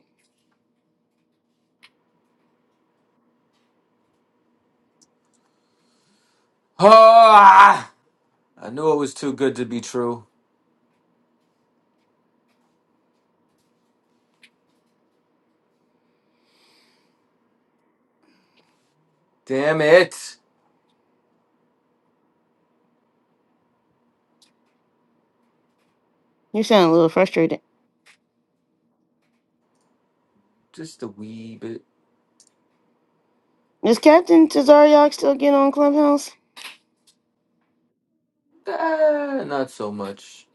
Speaker 4: Ah! I knew it was too good to be true. Damn it.
Speaker 2: You sound a little frustrated.
Speaker 4: Just a wee bit.
Speaker 2: Is Captain Tazariak still getting on Clubhouse?
Speaker 4: Ah, not so much.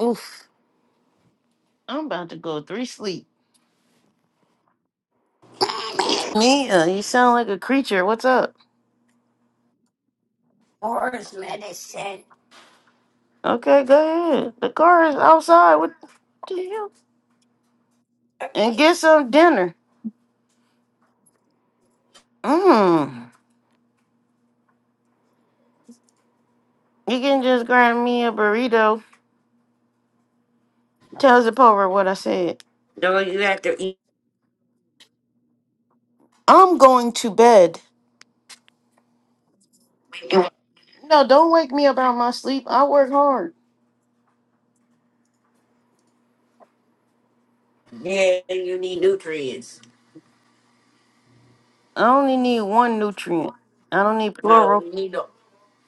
Speaker 2: Oof. I'm about to go three sleep. Mia, you sound like a creature. What's up? Okay, go ahead. The car is outside. What the hell? And get some dinner. Mm. You can just grab me a burrito. Tell Zipporah what I said.
Speaker 1: No, you have to eat.
Speaker 2: I'm going to bed. No, don't wake me up out of my sleep. I work hard.
Speaker 1: Yeah, you need nutrients.
Speaker 2: I only need one nutrient. I don't need
Speaker 1: No,
Speaker 2: plural.
Speaker 1: you need all.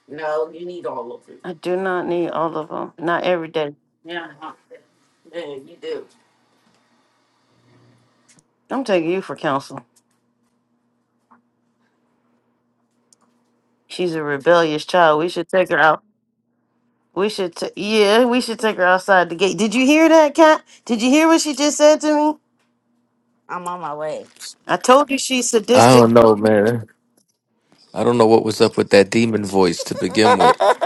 Speaker 1: No, you need all of it.
Speaker 2: I do not need all of them. Not every day.
Speaker 1: Yeah, yeah, you do.
Speaker 2: I'm taking you for counsel. She's a rebellious child. We should take her out. We should, t- yeah, we should take her outside the gate. Did you hear that, Cat? Did you hear what she just said to me?
Speaker 1: I'm on my way.
Speaker 2: I told you she's
Speaker 4: I
Speaker 2: sadistic.
Speaker 4: don't know, man. I don't know what was up with that demon voice to begin with.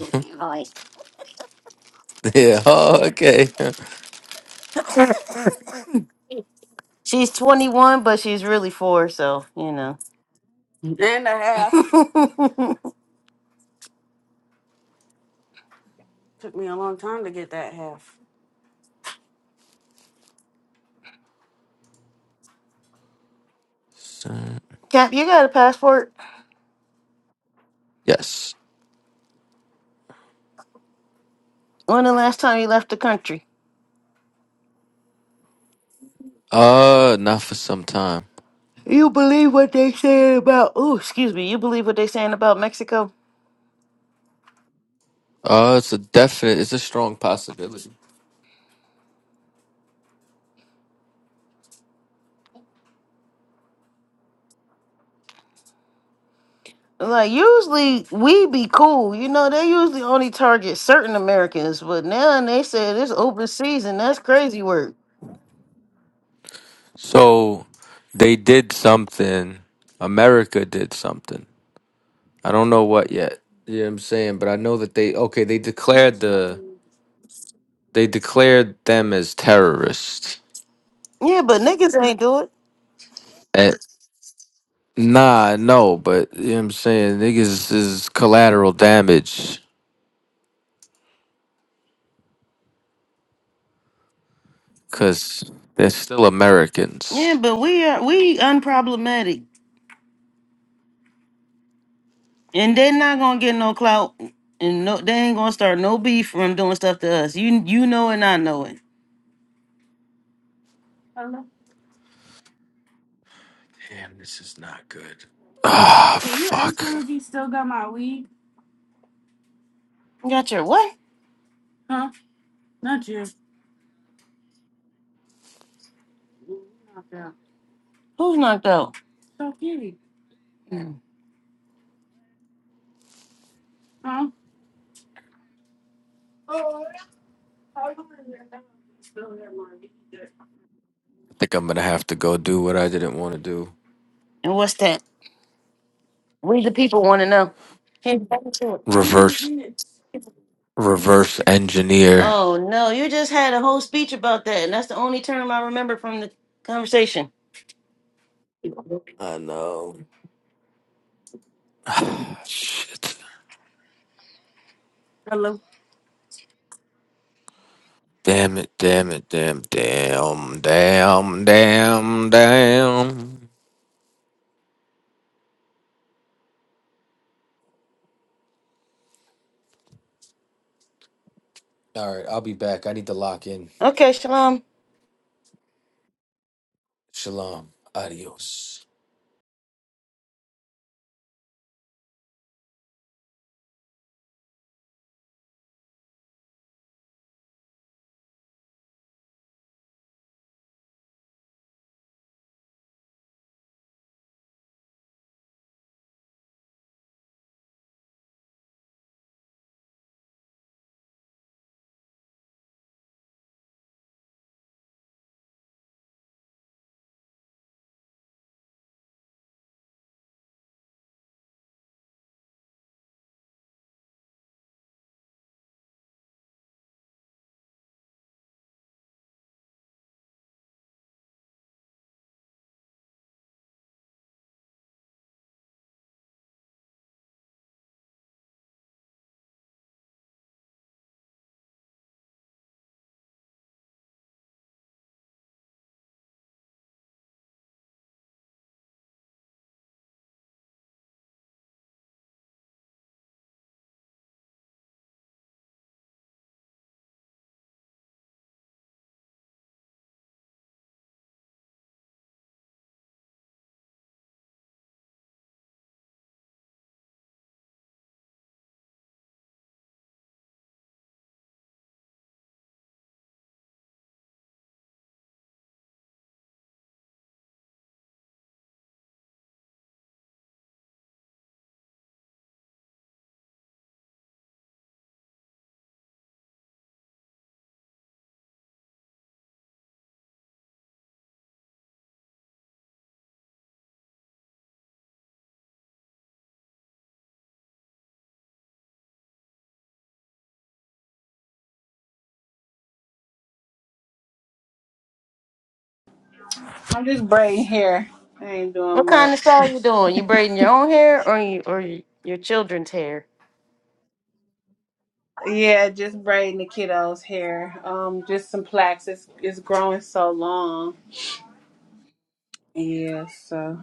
Speaker 4: yeah. Oh, okay.
Speaker 2: She's 21, but she's really four, so, you know.
Speaker 1: And a half. Took me a long time to get that half.
Speaker 4: Sir-
Speaker 2: Cap, you got a passport?
Speaker 4: Yes.
Speaker 2: When the last time you left the country?
Speaker 4: Uh, not for some time.
Speaker 2: You believe what they saying about, oh, excuse me, you believe what they saying about Mexico?
Speaker 4: Uh, it's a definite. It's a strong possibility.
Speaker 2: Like, usually we be cool. You know, they usually only target certain Americans, but now they said it's open season. That's crazy work.
Speaker 4: So, they did something. America did something. I don't know what yet. Yeah, I'm saying, but I know that they okay. They declared the they declared them as terrorists.
Speaker 2: Yeah, but niggas ain't do it.
Speaker 4: And, nah, no, but you know what I'm saying niggas is collateral damage because they're still
Speaker 2: Yeah,
Speaker 4: Americans.
Speaker 2: but we are, we unproblematic. And they're not gonna get no clout, and no, they ain't gonna start no beef from doing stuff to us. You you know it, and I know it.
Speaker 4: Damn, this is not good. Ah, fuck.
Speaker 2: Got your what? Who's knocked out? Mm.
Speaker 4: think I'm gonna have to go do what I didn't want to do.
Speaker 2: And what's that? We the people want to know. Hey, back to it.
Speaker 4: Reverse reverse engineer.
Speaker 2: Oh no, you just had a whole speech about that, and that's the only term I remember from the conversation.
Speaker 4: I know. Shit. Damn it, damn it, damn, damn, damn, damn, damn. Alright, I'll be back. I need to lock in.
Speaker 2: Okay, Shalom.
Speaker 4: Shalom. Adios.
Speaker 3: I'm just braiding hair. I ain't
Speaker 2: What
Speaker 3: doing
Speaker 2: kind of
Speaker 3: much.
Speaker 2: style you doing? You braiding your own hair or you or you, your children's hair?
Speaker 3: yeah, just braiding the kiddo's hair. Um, just some plaques. It's it's growing so long. Yeah, so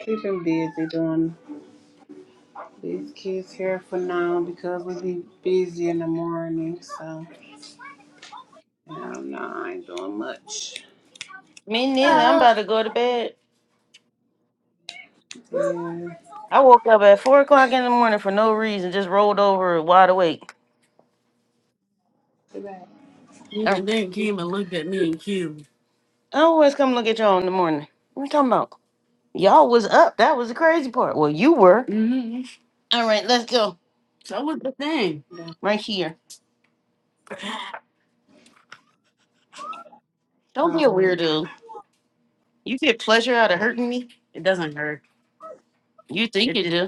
Speaker 3: keep him busy doing these kids' hair for now because we be busy in the morning. So no, no, I ain't doing much.
Speaker 2: Me neither. I'm
Speaker 3: Oh.
Speaker 2: about to go to bed.
Speaker 3: Yeah.
Speaker 2: I woke up at four o'clock in the morning for no reason, just rolled over wide awake. I, I always come look at y'all in the morning. What you talking about? Y'all was up. That was the crazy part. Well, you were. All right, let's go. Right here. Don't be a
Speaker 3: Sorry.
Speaker 2: weirdo. You get pleasure out of hurting me? You think you do.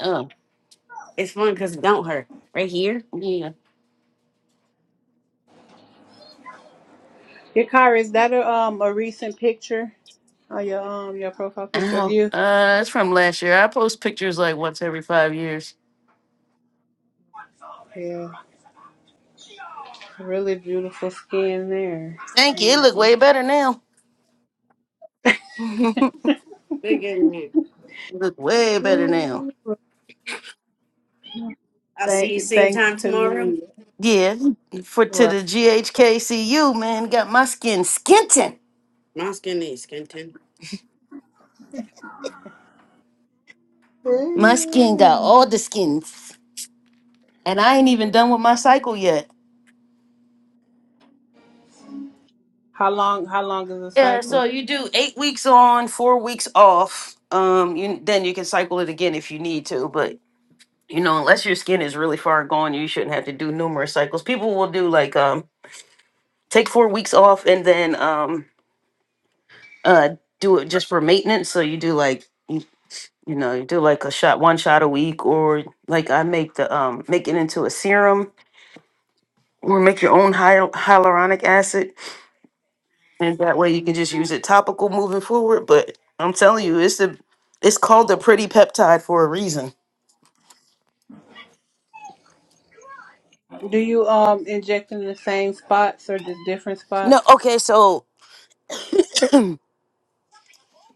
Speaker 2: Oh, yeah.
Speaker 3: Yeah, Kyra, is that a um a recent picture? Oh, your um, your profile picture of
Speaker 2: Ow.
Speaker 3: you.
Speaker 2: Uh, it's from last year. I post pictures like once every five years.
Speaker 3: Yeah, really beautiful skin there.
Speaker 2: Thank you. It look way better now. It look way better now.
Speaker 3: hmm Thank, thanks to me.
Speaker 2: Yeah. For to
Speaker 3: Right.
Speaker 2: the GHKCU, man, got my skin skinting. My skin
Speaker 3: Yeah.
Speaker 2: got all the skins, and I ain't even done with my cycle yet.
Speaker 3: How long? How long is the
Speaker 2: Yeah, so
Speaker 3: cycle?
Speaker 2: you do eight weeks on, four weeks off. Um, you then you can cycle it again if you need to, but you know, unless your skin is really far gone, you shouldn't have to do numerous cycles. People will do like um take four weeks off and then um uh do it just for maintenance. So you do like you, you know, you do like a shot one shot a week or like I make the um make it into a serum or make your own hy- hyaluronic acid and that way you can just use it topical moving forward. But I'm telling you, it's the it's called the pretty peptide for a reason.
Speaker 3: Do you um inject in the same spots or just different spots?
Speaker 2: No, okay, so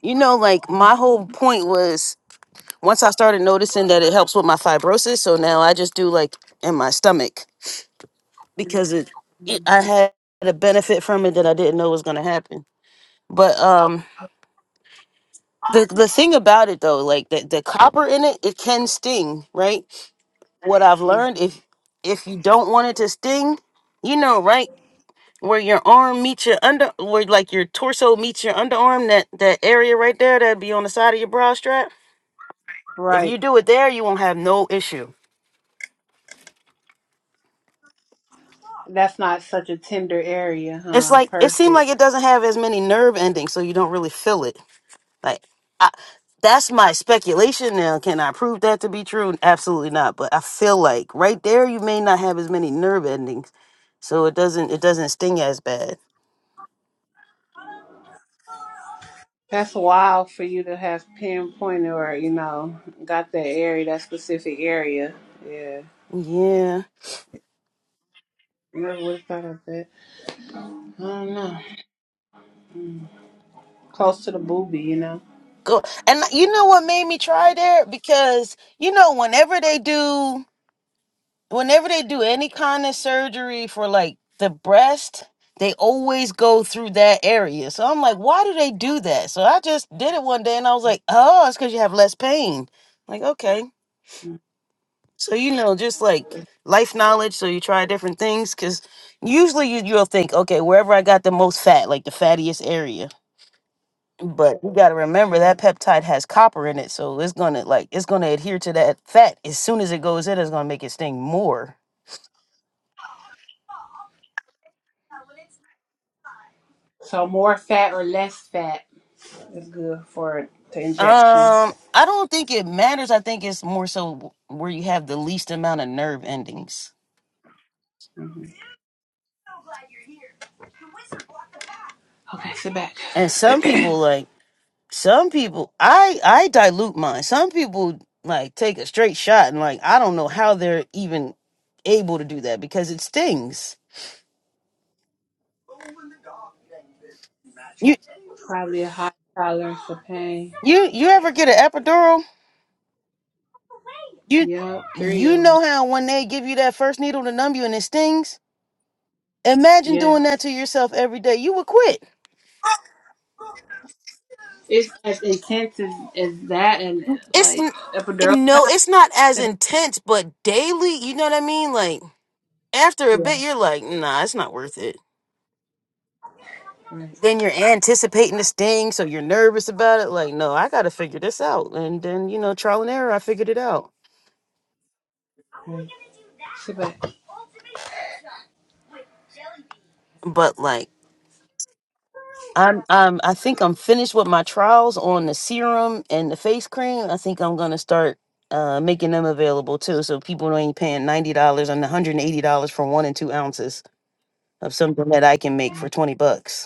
Speaker 2: you know, like my whole point was once I started noticing that it helps with my fibrosis, so now I just do like in my stomach because it, it I
Speaker 3: Mhm.
Speaker 2: had a benefit from it that I didn't know was gonna happen. But um the the thing about it though, like the, the copper in it, it can sting, right? What I've
Speaker 3: Yeah.
Speaker 2: learned if if you don't want it to sting, you know, right? where your arm meets your under where like your torso meets your underarm that that area right there that'd be on the side of your bra strap if
Speaker 3: Right.
Speaker 2: you do it there you won't have no issue
Speaker 3: That's not such a tender area,
Speaker 2: it's
Speaker 3: huh?
Speaker 2: like it seemed like
Speaker 3: Perfect.
Speaker 2: it doesn't have as many nerve endings so you don't really feel it like I, that's my speculation now can i prove that to be true absolutely not but i feel like right there you may not have as many nerve endings so it doesn't it doesn't sting as bad
Speaker 3: That's wild for you to have pinpointed or you know got that area, that specific area. Yeah.
Speaker 2: yeah
Speaker 3: Never would have thought of that. I don't know. Close to the boobie, you know.
Speaker 2: go and you know what made me try there because you know whenever they do whenever they do any kind of surgery for like the breast, they always go through that area. So I'm like, why do they do that? So I just did it one day and I was like, oh, it's because you have less pain. Like, okay. So, you know, just like life knowledge. So you try different things because usually you, you'll think, okay, wherever I got the most fat, like the fattiest area. But you got to remember that peptide has copper in it. So it's going to like, it's going to adhere to that fat. As soon as it goes in, it's going to make it sting more.
Speaker 3: So more fat or less fat is good for the
Speaker 2: Um,
Speaker 3: injections.
Speaker 2: I don't think it matters. I think it's more so where you have the least amount of nerve endings.
Speaker 3: hmm Okay, sit back.
Speaker 2: And some people like some people I I dilute mine. Some people like take a straight shot and like I don't know how they're even able to do that because it stings. You
Speaker 3: Probably a high tolerance for pain.
Speaker 2: you you ever get an epidural? You
Speaker 3: Yep, three
Speaker 2: you
Speaker 3: of them.
Speaker 2: know how when they give you that first needle to numb you and it stings? Imagine doing that
Speaker 3: Yes.
Speaker 2: to yourself every day. You would quit.
Speaker 3: It's as intense as, as that and
Speaker 2: it's
Speaker 3: like
Speaker 2: n-
Speaker 3: epidural.
Speaker 2: no, it's not as
Speaker 3: Sit back.
Speaker 2: intense, but daily, you know what I mean? Like after a bit,
Speaker 3: Yeah.
Speaker 2: you're like, nah, it's not worth it.
Speaker 3: Right.
Speaker 2: Then you're anticipating this thing, so you're nervous about it. Like, no, I gotta figure this out, and then you know, trial and error, I figured it out.
Speaker 3: right. Sit back.
Speaker 2: But like, I'm, I'm, I think I'm finished with my trials on the serum and the face cream. I think I'm gonna start uh, making them available too, so people ain't paying ninety dollars and one hundred and eighty dollars for one and two ounces of something that I can make for twenty bucks.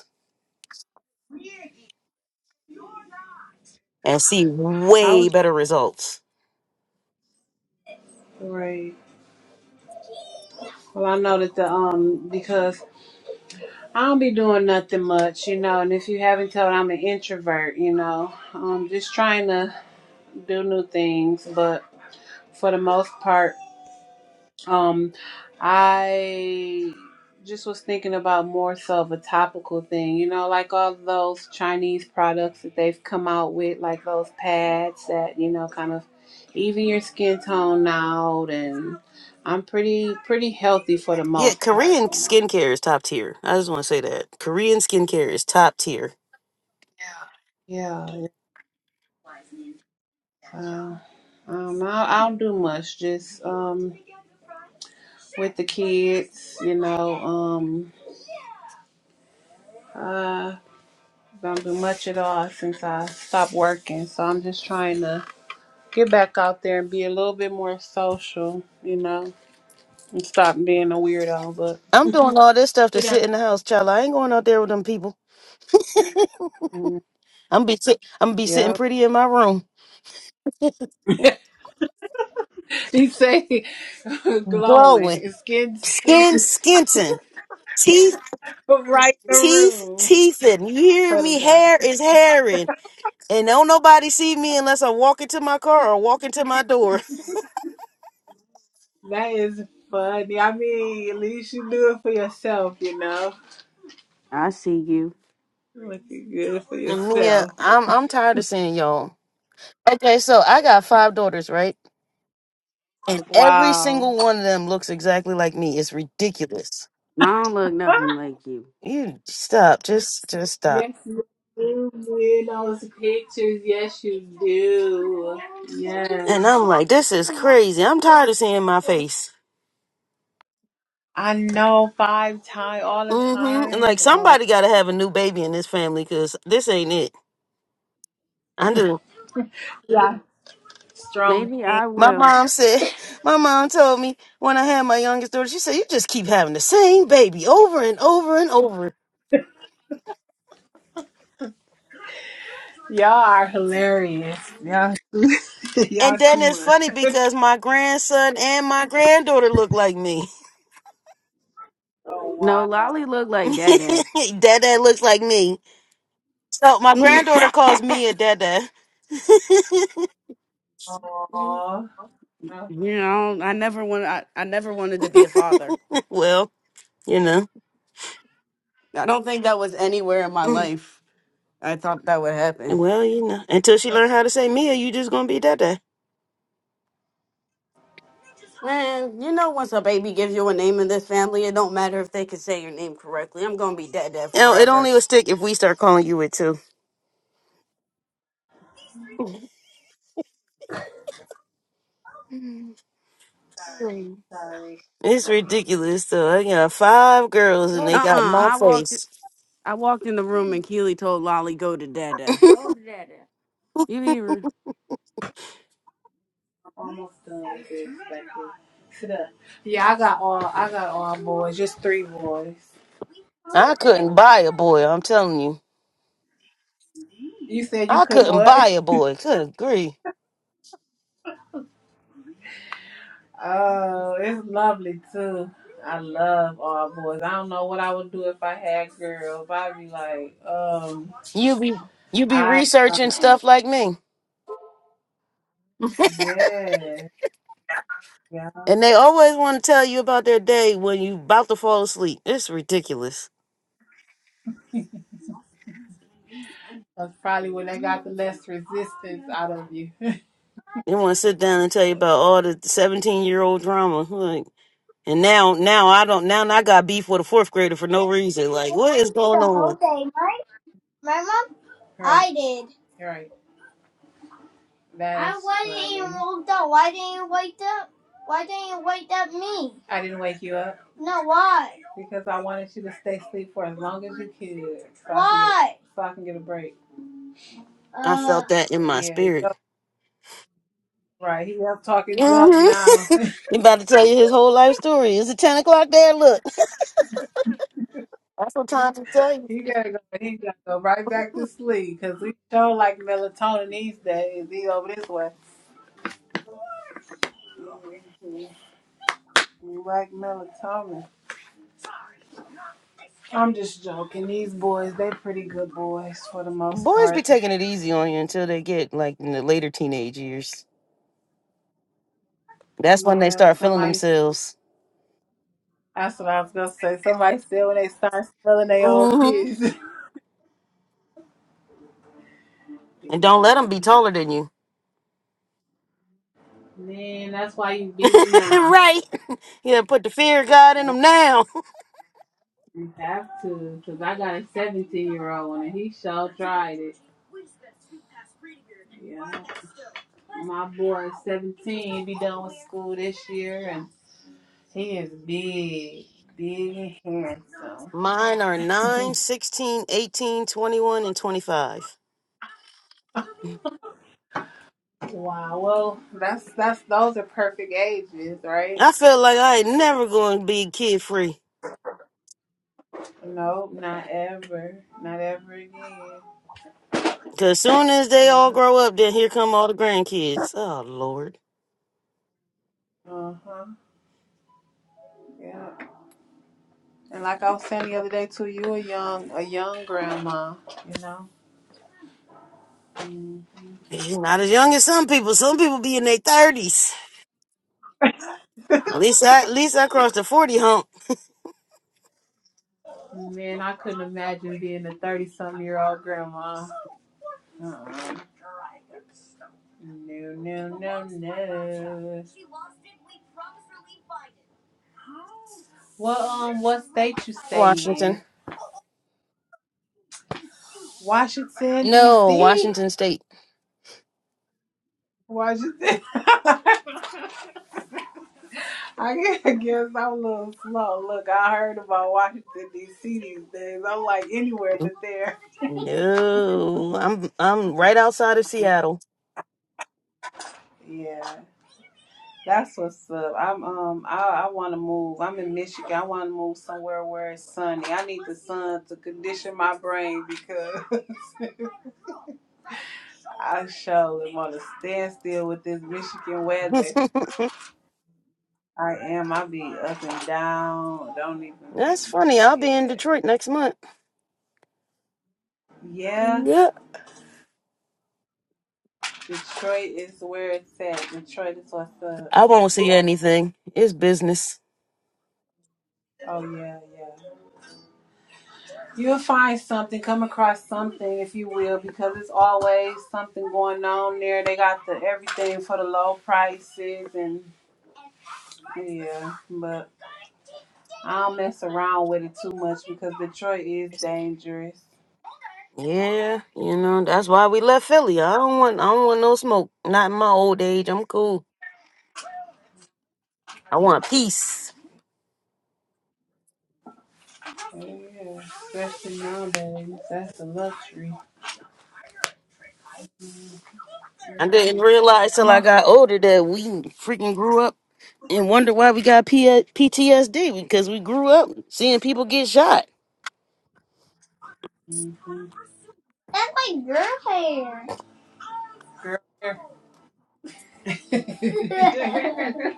Speaker 2: and see
Speaker 3: I
Speaker 2: way
Speaker 3: was
Speaker 2: better results.
Speaker 3: right. Well, I know that the um because I don't be doing nothing much, you know. And if you haven't told, I'm an introvert, you know. Um, just trying to do new things, but for the most part, um, I just was thinking about more so of a topical thing, you know, like all those Chinese products that they've come out with, like those pads that you know kind of even your skin tone out, and I'm pretty pretty healthy for the
Speaker 2: Yeah,
Speaker 3: most part,
Speaker 2: Korean
Speaker 3: you know.
Speaker 2: skincare is top tier. I just want to say that. Korean skincare is top tier.
Speaker 3: Yeah, Uh, um, I, I don't do much, just um, with the kids, you know. Um, uh, I don't do much at all since I stopped working, so I'm just trying to get back out there and be a little bit more social, you know, and stop being a weirdo. But
Speaker 2: I'm doing all this stuff to
Speaker 3: Sit down.
Speaker 2: sit in the house, child. I ain't going out there with them people.
Speaker 3: mm,
Speaker 2: I'm be sit I'm be sitting
Speaker 3: yeah,
Speaker 2: pretty in my room,
Speaker 3: he say glowing,
Speaker 2: glowing,
Speaker 3: his skin, skin
Speaker 2: skin skinting, teeth
Speaker 3: right in the
Speaker 2: teeth
Speaker 3: room.
Speaker 2: teething. You hear
Speaker 3: Put it
Speaker 2: me?
Speaker 3: down.
Speaker 2: Hair is hairing, and don't nobody see me unless I walk into my car or walk into my door.
Speaker 3: That is funny. I mean, at least you do it for yourself, you know.
Speaker 1: I see you.
Speaker 3: Looking good for
Speaker 2: And Mia,
Speaker 3: yourself.
Speaker 2: I'm I'm tired of seeing y'all. Okay, so I got five daughters, right? Every
Speaker 3: Wow.
Speaker 2: single one of them looks exactly like me. It's ridiculous.
Speaker 1: I don't look nothing like you.
Speaker 2: You stop. Just just stop.
Speaker 3: Yes, you do. Man, those pictures. Yes, you do.
Speaker 2: And
Speaker 3: Yes.
Speaker 2: I'm like, this is crazy. I'm tired of seeing my face.
Speaker 3: I know five times all the
Speaker 2: hmm And
Speaker 3: time.
Speaker 2: like
Speaker 3: Oh,
Speaker 2: somebody gotta have a new baby in this family because this ain't it. I do.
Speaker 3: strong
Speaker 1: Maybe
Speaker 3: thing.
Speaker 1: I
Speaker 2: My
Speaker 1: will.
Speaker 2: mom said, my mom told me when I had my youngest daughter, she said, you just keep having the same baby over and over and over.
Speaker 3: Y'all are hilarious. Y'all,
Speaker 2: And
Speaker 3: y'all
Speaker 2: then
Speaker 3: too
Speaker 2: it's funny
Speaker 3: much.
Speaker 2: because my grandson and my granddaughter look like me.
Speaker 3: Oh,
Speaker 1: No,
Speaker 3: wow.
Speaker 1: Lolly look like Dada.
Speaker 2: Dad looks like me. So my
Speaker 1: you
Speaker 2: granddaughter calls me a dada.
Speaker 3: Aw. I'm
Speaker 1: know, I never wanted. I, I never wanted to be a father.
Speaker 2: well, you know.
Speaker 1: I don't think that was anywhere in my life. I thought that would happen.
Speaker 2: Well, you know. Until she learn how to say Mia, you just gonna be dada.
Speaker 1: Man, you know, once a baby gives you a name in this family, it don't matter if they can say your name correctly. I'm gonna be Dada
Speaker 2: You know, it
Speaker 1: forever.
Speaker 2: only will stick if we start calling you it too.
Speaker 3: sorry.
Speaker 2: It's ridiculous So I got five girls
Speaker 1: Uh
Speaker 2: and
Speaker 1: uh
Speaker 2: they got my
Speaker 1: I walked.
Speaker 2: face.
Speaker 1: I walked in the room and Keely told Lolly go to Dada. You hear? her?
Speaker 3: I'm almost done with this. Thank you. Sit up. Yeah, I got all. I got all boys. Just three boys.
Speaker 2: I couldn't buy a boy, I'm telling you.
Speaker 3: You said you
Speaker 2: I
Speaker 3: couldn't
Speaker 2: couldn't
Speaker 3: what?
Speaker 2: buy a boy. Could agree.
Speaker 3: Oh, it's lovely too. I love all boys. I don't know what I would do if I had girls. I'd be like, um,
Speaker 2: You be you be
Speaker 3: I don't
Speaker 2: researching
Speaker 3: know.
Speaker 2: stuff like me.
Speaker 3: Yeah. Yeah.
Speaker 2: And they always want to tell you about their day when you about to fall asleep. It's ridiculous.
Speaker 3: That's probably when they got the less resistance out of you.
Speaker 2: They want to sit down and tell you about
Speaker 3: Her-
Speaker 2: all the seventeen year old drama. Like, and now, now I don't. Now I got beef with a fourth grader for no reason. Like, what
Speaker 3: I
Speaker 2: is going
Speaker 3: the whole
Speaker 2: on?
Speaker 3: day, right? My mom? Right. I did. Right. That I is wasn't you even woke up. Why didn't you wake up? Why didn't you wake up me? I didn't wake you up No, why? because I wanted you to stay asleep for as long as you could, so Why? can get, so I can get a break.
Speaker 2: I
Speaker 3: Uh,
Speaker 2: felt that in my
Speaker 3: Yeah, you
Speaker 2: spirit.
Speaker 3: up right. He up talking junk
Speaker 2: Mm-hmm.
Speaker 3: now.
Speaker 2: He about to tell you his whole life story. Is it ten o'clock there? Look, that's what time to tell you.
Speaker 3: he gotta go. He gotta go right back to sleep because we show like melatonin these days. He over this way. We like melatonin. I'm just joking. These boys, they pretty good boys for the most
Speaker 2: Boys be
Speaker 3: part.
Speaker 2: taking it easy on you until they get like in the later teenage years. That's when they
Speaker 3: Yeah,
Speaker 2: start feeling
Speaker 3: somebody.
Speaker 2: themselves.
Speaker 3: That's what I was gonna say. Somebody said when they start smelling their own
Speaker 2: hmm
Speaker 3: piss.
Speaker 2: And don't let
Speaker 3: yeah,
Speaker 2: them be taller than you.
Speaker 3: man, that's why you beat them now.
Speaker 2: right. You gotta put the fear of God in them now.
Speaker 3: You have to, cause I got a 17 year old and he sure tried it. Yeah, my boy is 17. He be done with school this year, and he is big, big and
Speaker 2: Mine are 9,
Speaker 3: handsome.
Speaker 2: 16, 18, 21, and 25.
Speaker 3: Wow. Well, that's that's those are perfect ages, right?
Speaker 2: I feel like I ain't never going to be kid free.
Speaker 3: Nope, not ever, not ever again.
Speaker 2: Because soon as they all
Speaker 3: Yeah.
Speaker 2: grow up, then here come all the grandkids. Oh, Lord.
Speaker 3: Uh huh. Yeah. And like I was saying the other day too, you a young a young grandma, you know. Mm.
Speaker 2: You're not as young as some people. Some people be in their 30s. At least I, at least I crossed the 40 hump.
Speaker 3: Man, I couldn't imagine being a thirty something year old grandma. Uh-uh. No, no, no, no. What um what state you stay
Speaker 2: Washington.
Speaker 3: in? Washington
Speaker 2: No,
Speaker 3: D.C.
Speaker 2: Washington State.
Speaker 3: Washington. I guess I guess I'm a little slow. Look, I heard about Washington D.C. these days. I'm like anywhere but there.
Speaker 2: No, I'm I'm right outside of Seattle.
Speaker 3: Yeah, that's what's up. I'm um I, I want to move. I'm in Michigan. I want to move somewhere where it's sunny. I need the sun to condition my brain because I surely want to stand still with this Michigan weather. I am. I be up and down. Don't even
Speaker 2: That's
Speaker 3: be.
Speaker 2: funny. I'll
Speaker 3: Yeah.
Speaker 2: be in Detroit next month.
Speaker 3: Yeah.
Speaker 2: Yeah,
Speaker 3: Detroit is where it's at. Detroit is what's up.
Speaker 2: I won't see anything. It's business.
Speaker 3: Oh yeah, yeah. You'll find something, come across something, if you will, because it's always something going on there. They got the everything for the low prices and yeah, but I don't mess around with it too much because Detroit is dangerous.
Speaker 2: Yeah, you know, that's why we left Philly. I don't want I don't want no smoke. Not in my old age. I'm cool. I want peace.
Speaker 3: Yeah, especially nowadays. That's a luxury.
Speaker 2: I didn't
Speaker 3: Mhm.
Speaker 2: realize till
Speaker 3: Come
Speaker 2: I
Speaker 3: on, Sam.
Speaker 2: got older that we freaking grew up and wonder why we got P- PTSD because we grew up seeing people get shot.
Speaker 3: Mhm. That's my girl hair. Girl hair. Look,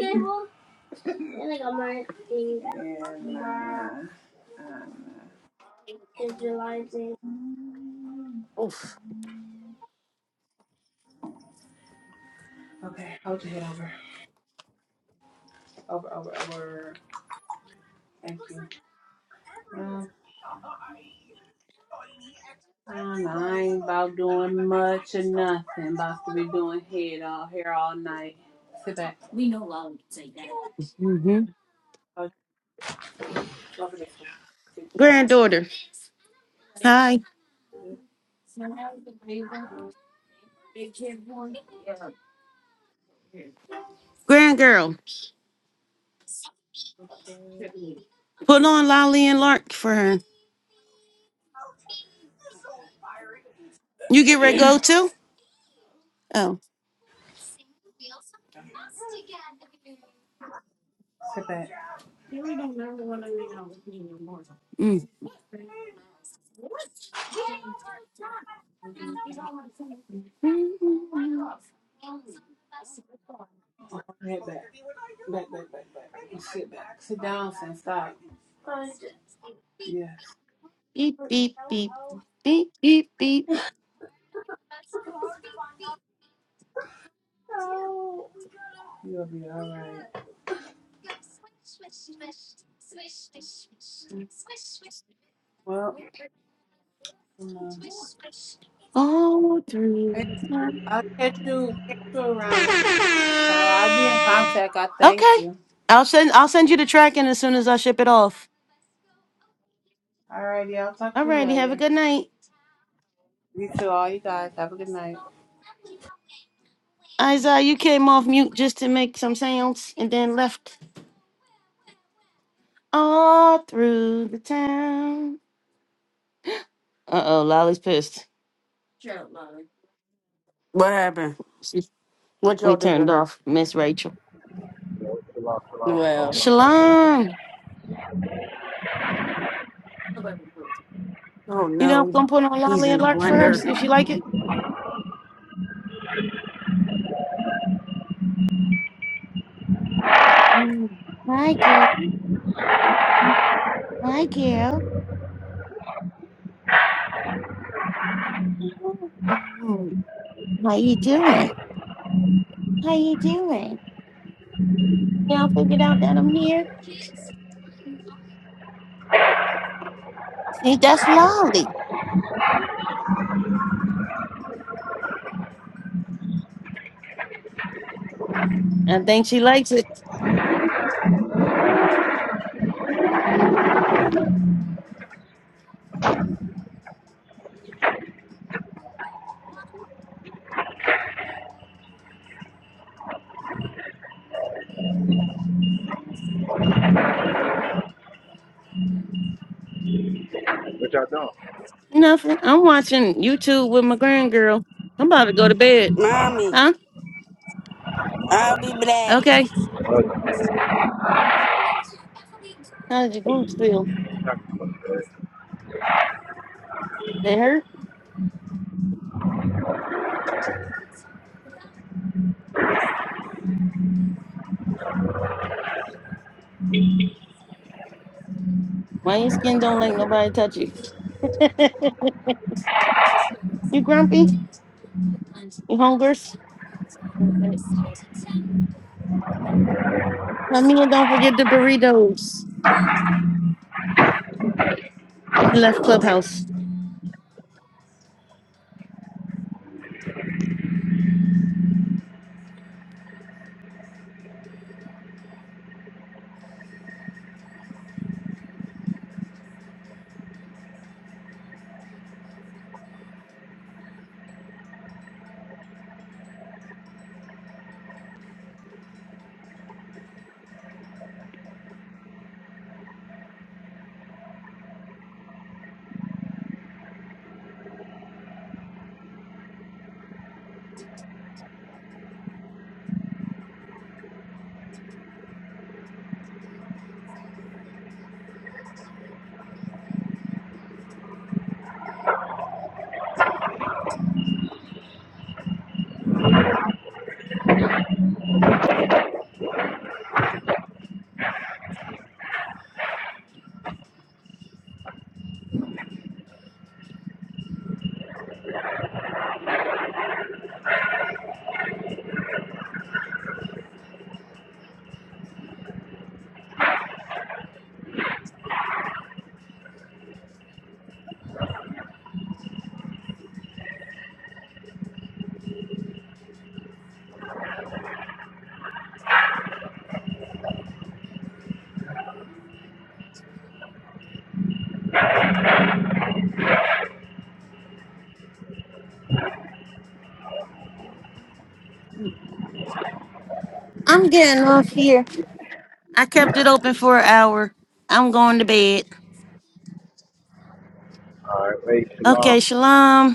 Speaker 3: Abel. And I got my finger. Yeah, nah, nah. Visualizing.
Speaker 2: Oof.
Speaker 3: Okay, hold your head over. Over, over, over. Thank you. Well, um, I ain't about doing much or nothing. About to be doing head all here all night. Sit back.
Speaker 2: hmm
Speaker 3: Oh, over this way. Good job.
Speaker 2: Granddaughter. Hi. Grandgirl. Put on Lolly and Lark for her. You get ready to go too? Oh.
Speaker 3: Sit back.
Speaker 2: mm.
Speaker 3: Head back. Back, back, back, back. Sit back. Sit down, son. Stop. Yes. You'll be all right. Well, um, hey, I'll catch you, catch you
Speaker 5: Shalom,
Speaker 3: around. Sorry, I'll be in contact. I thank
Speaker 2: Okay.
Speaker 3: you.
Speaker 2: I'll send I'll send you the tracking as soon as I ship it off.
Speaker 3: Alrighty, I'll talk to you
Speaker 2: Alrighty, have a
Speaker 3: later.
Speaker 2: good night.
Speaker 3: You too, all you guys. Have a good night.
Speaker 2: Isaiah, you came off mute just to make some sounds and then left all through the town. Uh oh, Lolly's pissed.
Speaker 1: What happened?
Speaker 2: She's-
Speaker 1: What
Speaker 2: We
Speaker 1: y'all do to
Speaker 2: turned
Speaker 1: her?
Speaker 2: off Miss Rachel.
Speaker 5: shalom,
Speaker 1: Well,
Speaker 5: shalom.
Speaker 2: Shalom.
Speaker 1: Oh
Speaker 2: You know,
Speaker 1: no,
Speaker 2: gonna put on
Speaker 1: he's
Speaker 2: Lolly
Speaker 1: in a
Speaker 2: alert for her,
Speaker 1: blender.
Speaker 2: see if she like it. Mm. Hi, girl. Mm. Hi, girl. Mm. How you doing? How you doing? Y'all figured out that I'm here. See, that's Lolly. I think she likes it.
Speaker 5: What y'all doing?
Speaker 2: Nothing. I'm watching YouTube with my grand girl. I'm about to go to bed.
Speaker 1: Mommy,
Speaker 2: Huh?
Speaker 1: I'll be back.
Speaker 2: Okay.
Speaker 5: Oh,
Speaker 2: How did your glutes feel? They hurt? Why your skin don't like nobody touch you? you grumpy? You hungry? Come here, don't forget the burritos. She left Clubhouse. I'm getting off here. I kept it open for an hour. I'm going to bed.
Speaker 5: All right, hey, shalom.
Speaker 2: Okay, shalom.